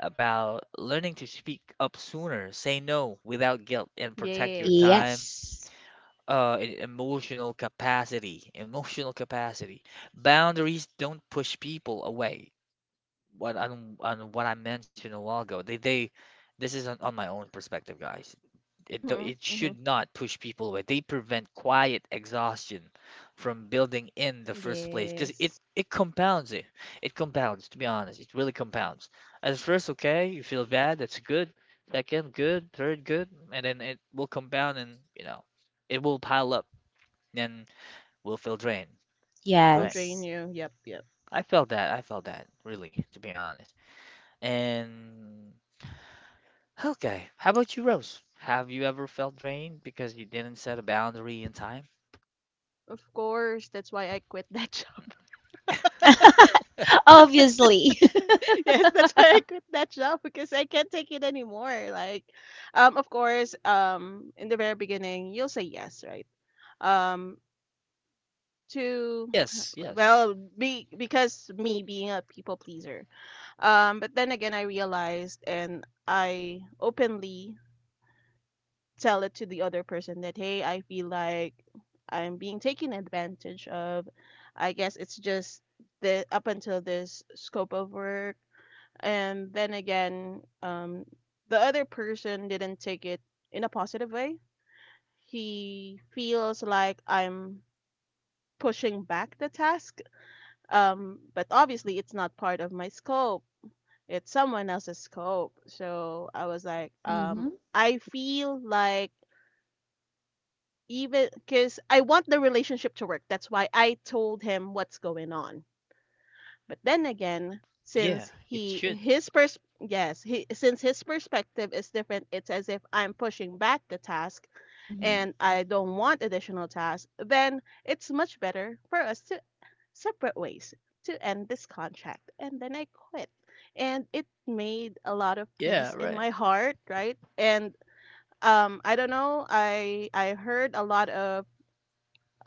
[SPEAKER 1] about learning to speak up sooner, say no without guilt, and protect your
[SPEAKER 3] Yes.
[SPEAKER 1] time
[SPEAKER 2] Yes,
[SPEAKER 1] uh e- emotional capacity emotional capacity. Boundaries don't push people away. What on, on what I mentioned a while ago, they they this is on, on my own perspective, guys. It, do- it
[SPEAKER 3] Mhm.
[SPEAKER 1] should
[SPEAKER 3] Mhm.
[SPEAKER 1] not push people away. They prevent quiet exhaustion from building in the first place because it
[SPEAKER 3] Yes.
[SPEAKER 1] it compounds. It it compounds, to be honest. It really compounds. At first okay you feel bad, that's good. Second good, third good, and then it will compound and you know it will pile up. Then we will feel drained,
[SPEAKER 3] It will
[SPEAKER 1] right?
[SPEAKER 3] drain
[SPEAKER 2] yes.
[SPEAKER 3] you. Yep. Yep.
[SPEAKER 1] I felt that. I felt that, really, to be honest. And okay, how about you, Rose? Have you ever felt drained because you didn't set a boundary in time?
[SPEAKER 3] Of course. That's why I quit that job.
[SPEAKER 2] Obviously.
[SPEAKER 3] Yes, that's why I quit that job because I can't take it anymore. Like, um, of course, um, in the very beginning, you'll say yes, right? Um, to,
[SPEAKER 1] Yes, yes.
[SPEAKER 3] well, be because me being a people pleaser, um but then again I realized, and I openly tell it to the other person that hey, I feel like I'm being taken advantage of. I guess it's just the up until this scope of work. And then again, um the other person didn't take it in a positive way. He feels like I'm pushing back the task. Um, but obviously, it's not part of my scope. It's someone else's scope. So I was like, um,
[SPEAKER 2] Mhm.
[SPEAKER 3] I feel like, even because I want the relationship to work. That's why I told him what's going on. But then again,
[SPEAKER 1] Yeah,
[SPEAKER 3] since
[SPEAKER 1] it
[SPEAKER 3] he
[SPEAKER 1] should.
[SPEAKER 3] his pers- yes, he since his perspective is different, it's as if I'm pushing back the task
[SPEAKER 2] Mhm.
[SPEAKER 3] and I don't want additional tasks, then it's much better for us to separate ways, to end this contract. And then I quit. And it made a lot of peace
[SPEAKER 1] Yeah,
[SPEAKER 3] in
[SPEAKER 1] right.
[SPEAKER 3] my heart, right? And um, I don't know, I I heard a lot of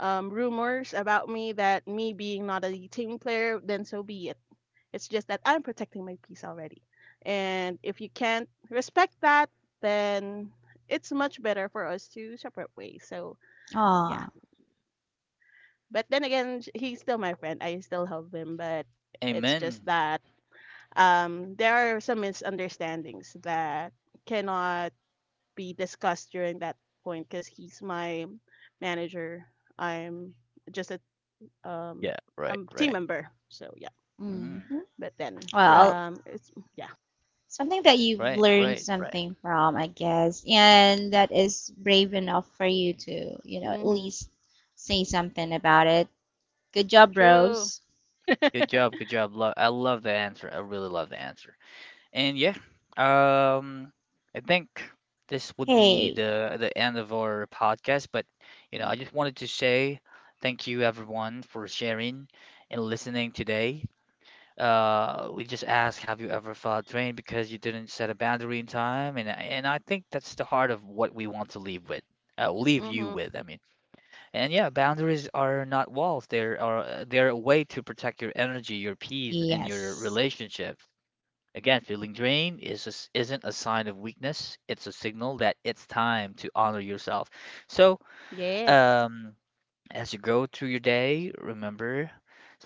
[SPEAKER 3] um, rumors about me that me being not a team player, then so be it. It's just that I'm protecting my peace already. And if you can't respect that, then it's much better for us to separate ways. So, yeah.
[SPEAKER 2] Ah.
[SPEAKER 3] But then again, sh- he's still my friend. I still love him, but it's just
[SPEAKER 1] Amen.
[SPEAKER 3] that um, there are some misunderstandings that cannot be discussed during that point because he's my manager. I'm just a um,
[SPEAKER 1] Yeah, right,
[SPEAKER 3] I'm team
[SPEAKER 1] right.
[SPEAKER 3] member. So, yeah.
[SPEAKER 2] Mhm.
[SPEAKER 1] Mm,
[SPEAKER 3] But then,
[SPEAKER 2] Well,
[SPEAKER 1] right,
[SPEAKER 3] um, it's yeah.
[SPEAKER 2] something that you've
[SPEAKER 1] right,
[SPEAKER 2] learned
[SPEAKER 1] right, right.
[SPEAKER 2] something from, I guess, and that is brave enough for you to, you know, at
[SPEAKER 3] Mm-hmm.
[SPEAKER 2] least say something about it. Good job,
[SPEAKER 3] True.
[SPEAKER 2] Rose.
[SPEAKER 1] Good job, good job. Lo- I love the answer. I really love the answer. And yeah, um, I think this would be
[SPEAKER 2] Hey,
[SPEAKER 1] the the end of our podcast. But you know, I just wanted to say thank you everyone for sharing and listening today. Uh, we just asked, have you ever felt drained because you didn't set a boundary in time? And and I think that's the heart of what we want to leave with. Uh, leave you
[SPEAKER 3] Mhm.
[SPEAKER 1] with, I mean. And yeah, boundaries are not walls. They're are they're a way to protect your energy, your peace, and your
[SPEAKER 2] yes.
[SPEAKER 1] relationship. Again, feeling drained is just isn't a sign of weakness. It's a signal that it's time to honor yourself. So,
[SPEAKER 3] Yes.
[SPEAKER 1] um, as you go through your day, remember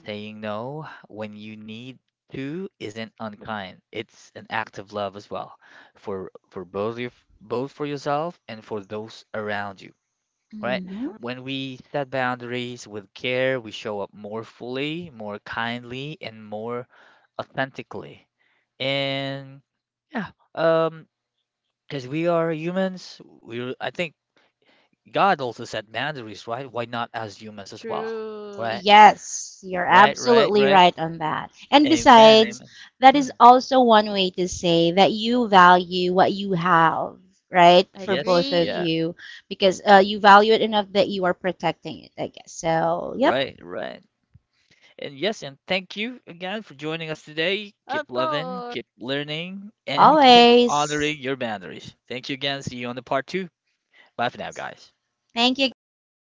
[SPEAKER 1] saying no when you need to isn't unkind. It's an act of love as well for for both your, both for yourself and for those around you, right?
[SPEAKER 2] Hmm.
[SPEAKER 3] Mhm.
[SPEAKER 1] When we set boundaries with care, we show up more fully, more kindly, and more authentically. And yeah um because we are humans, we I think God also set boundaries, right? Why not as humans as well?
[SPEAKER 3] True.
[SPEAKER 1] Right,
[SPEAKER 2] Yes, you're
[SPEAKER 1] right, right,
[SPEAKER 2] absolutely
[SPEAKER 1] right.
[SPEAKER 2] right on that. And
[SPEAKER 1] Amen,
[SPEAKER 2] besides,
[SPEAKER 1] amen.
[SPEAKER 2] that
[SPEAKER 1] Hmm.
[SPEAKER 2] is also one way to say that you value what you have, right? For both
[SPEAKER 1] Yes,
[SPEAKER 2] of
[SPEAKER 3] Agree.
[SPEAKER 1] yeah,
[SPEAKER 2] you, because uh, you value it enough that you are protecting it, I guess. So, yep,
[SPEAKER 1] right, right. And yes, and thank you again for joining us today. Keep
[SPEAKER 3] Of
[SPEAKER 1] loving,
[SPEAKER 3] course.
[SPEAKER 1] keep learning, and keep
[SPEAKER 2] always.
[SPEAKER 1] honoring your boundaries. Thank you again. See you on the part two. Bye for now, guys.
[SPEAKER 2] Thank you, guys.
[SPEAKER 3] Bye-bye.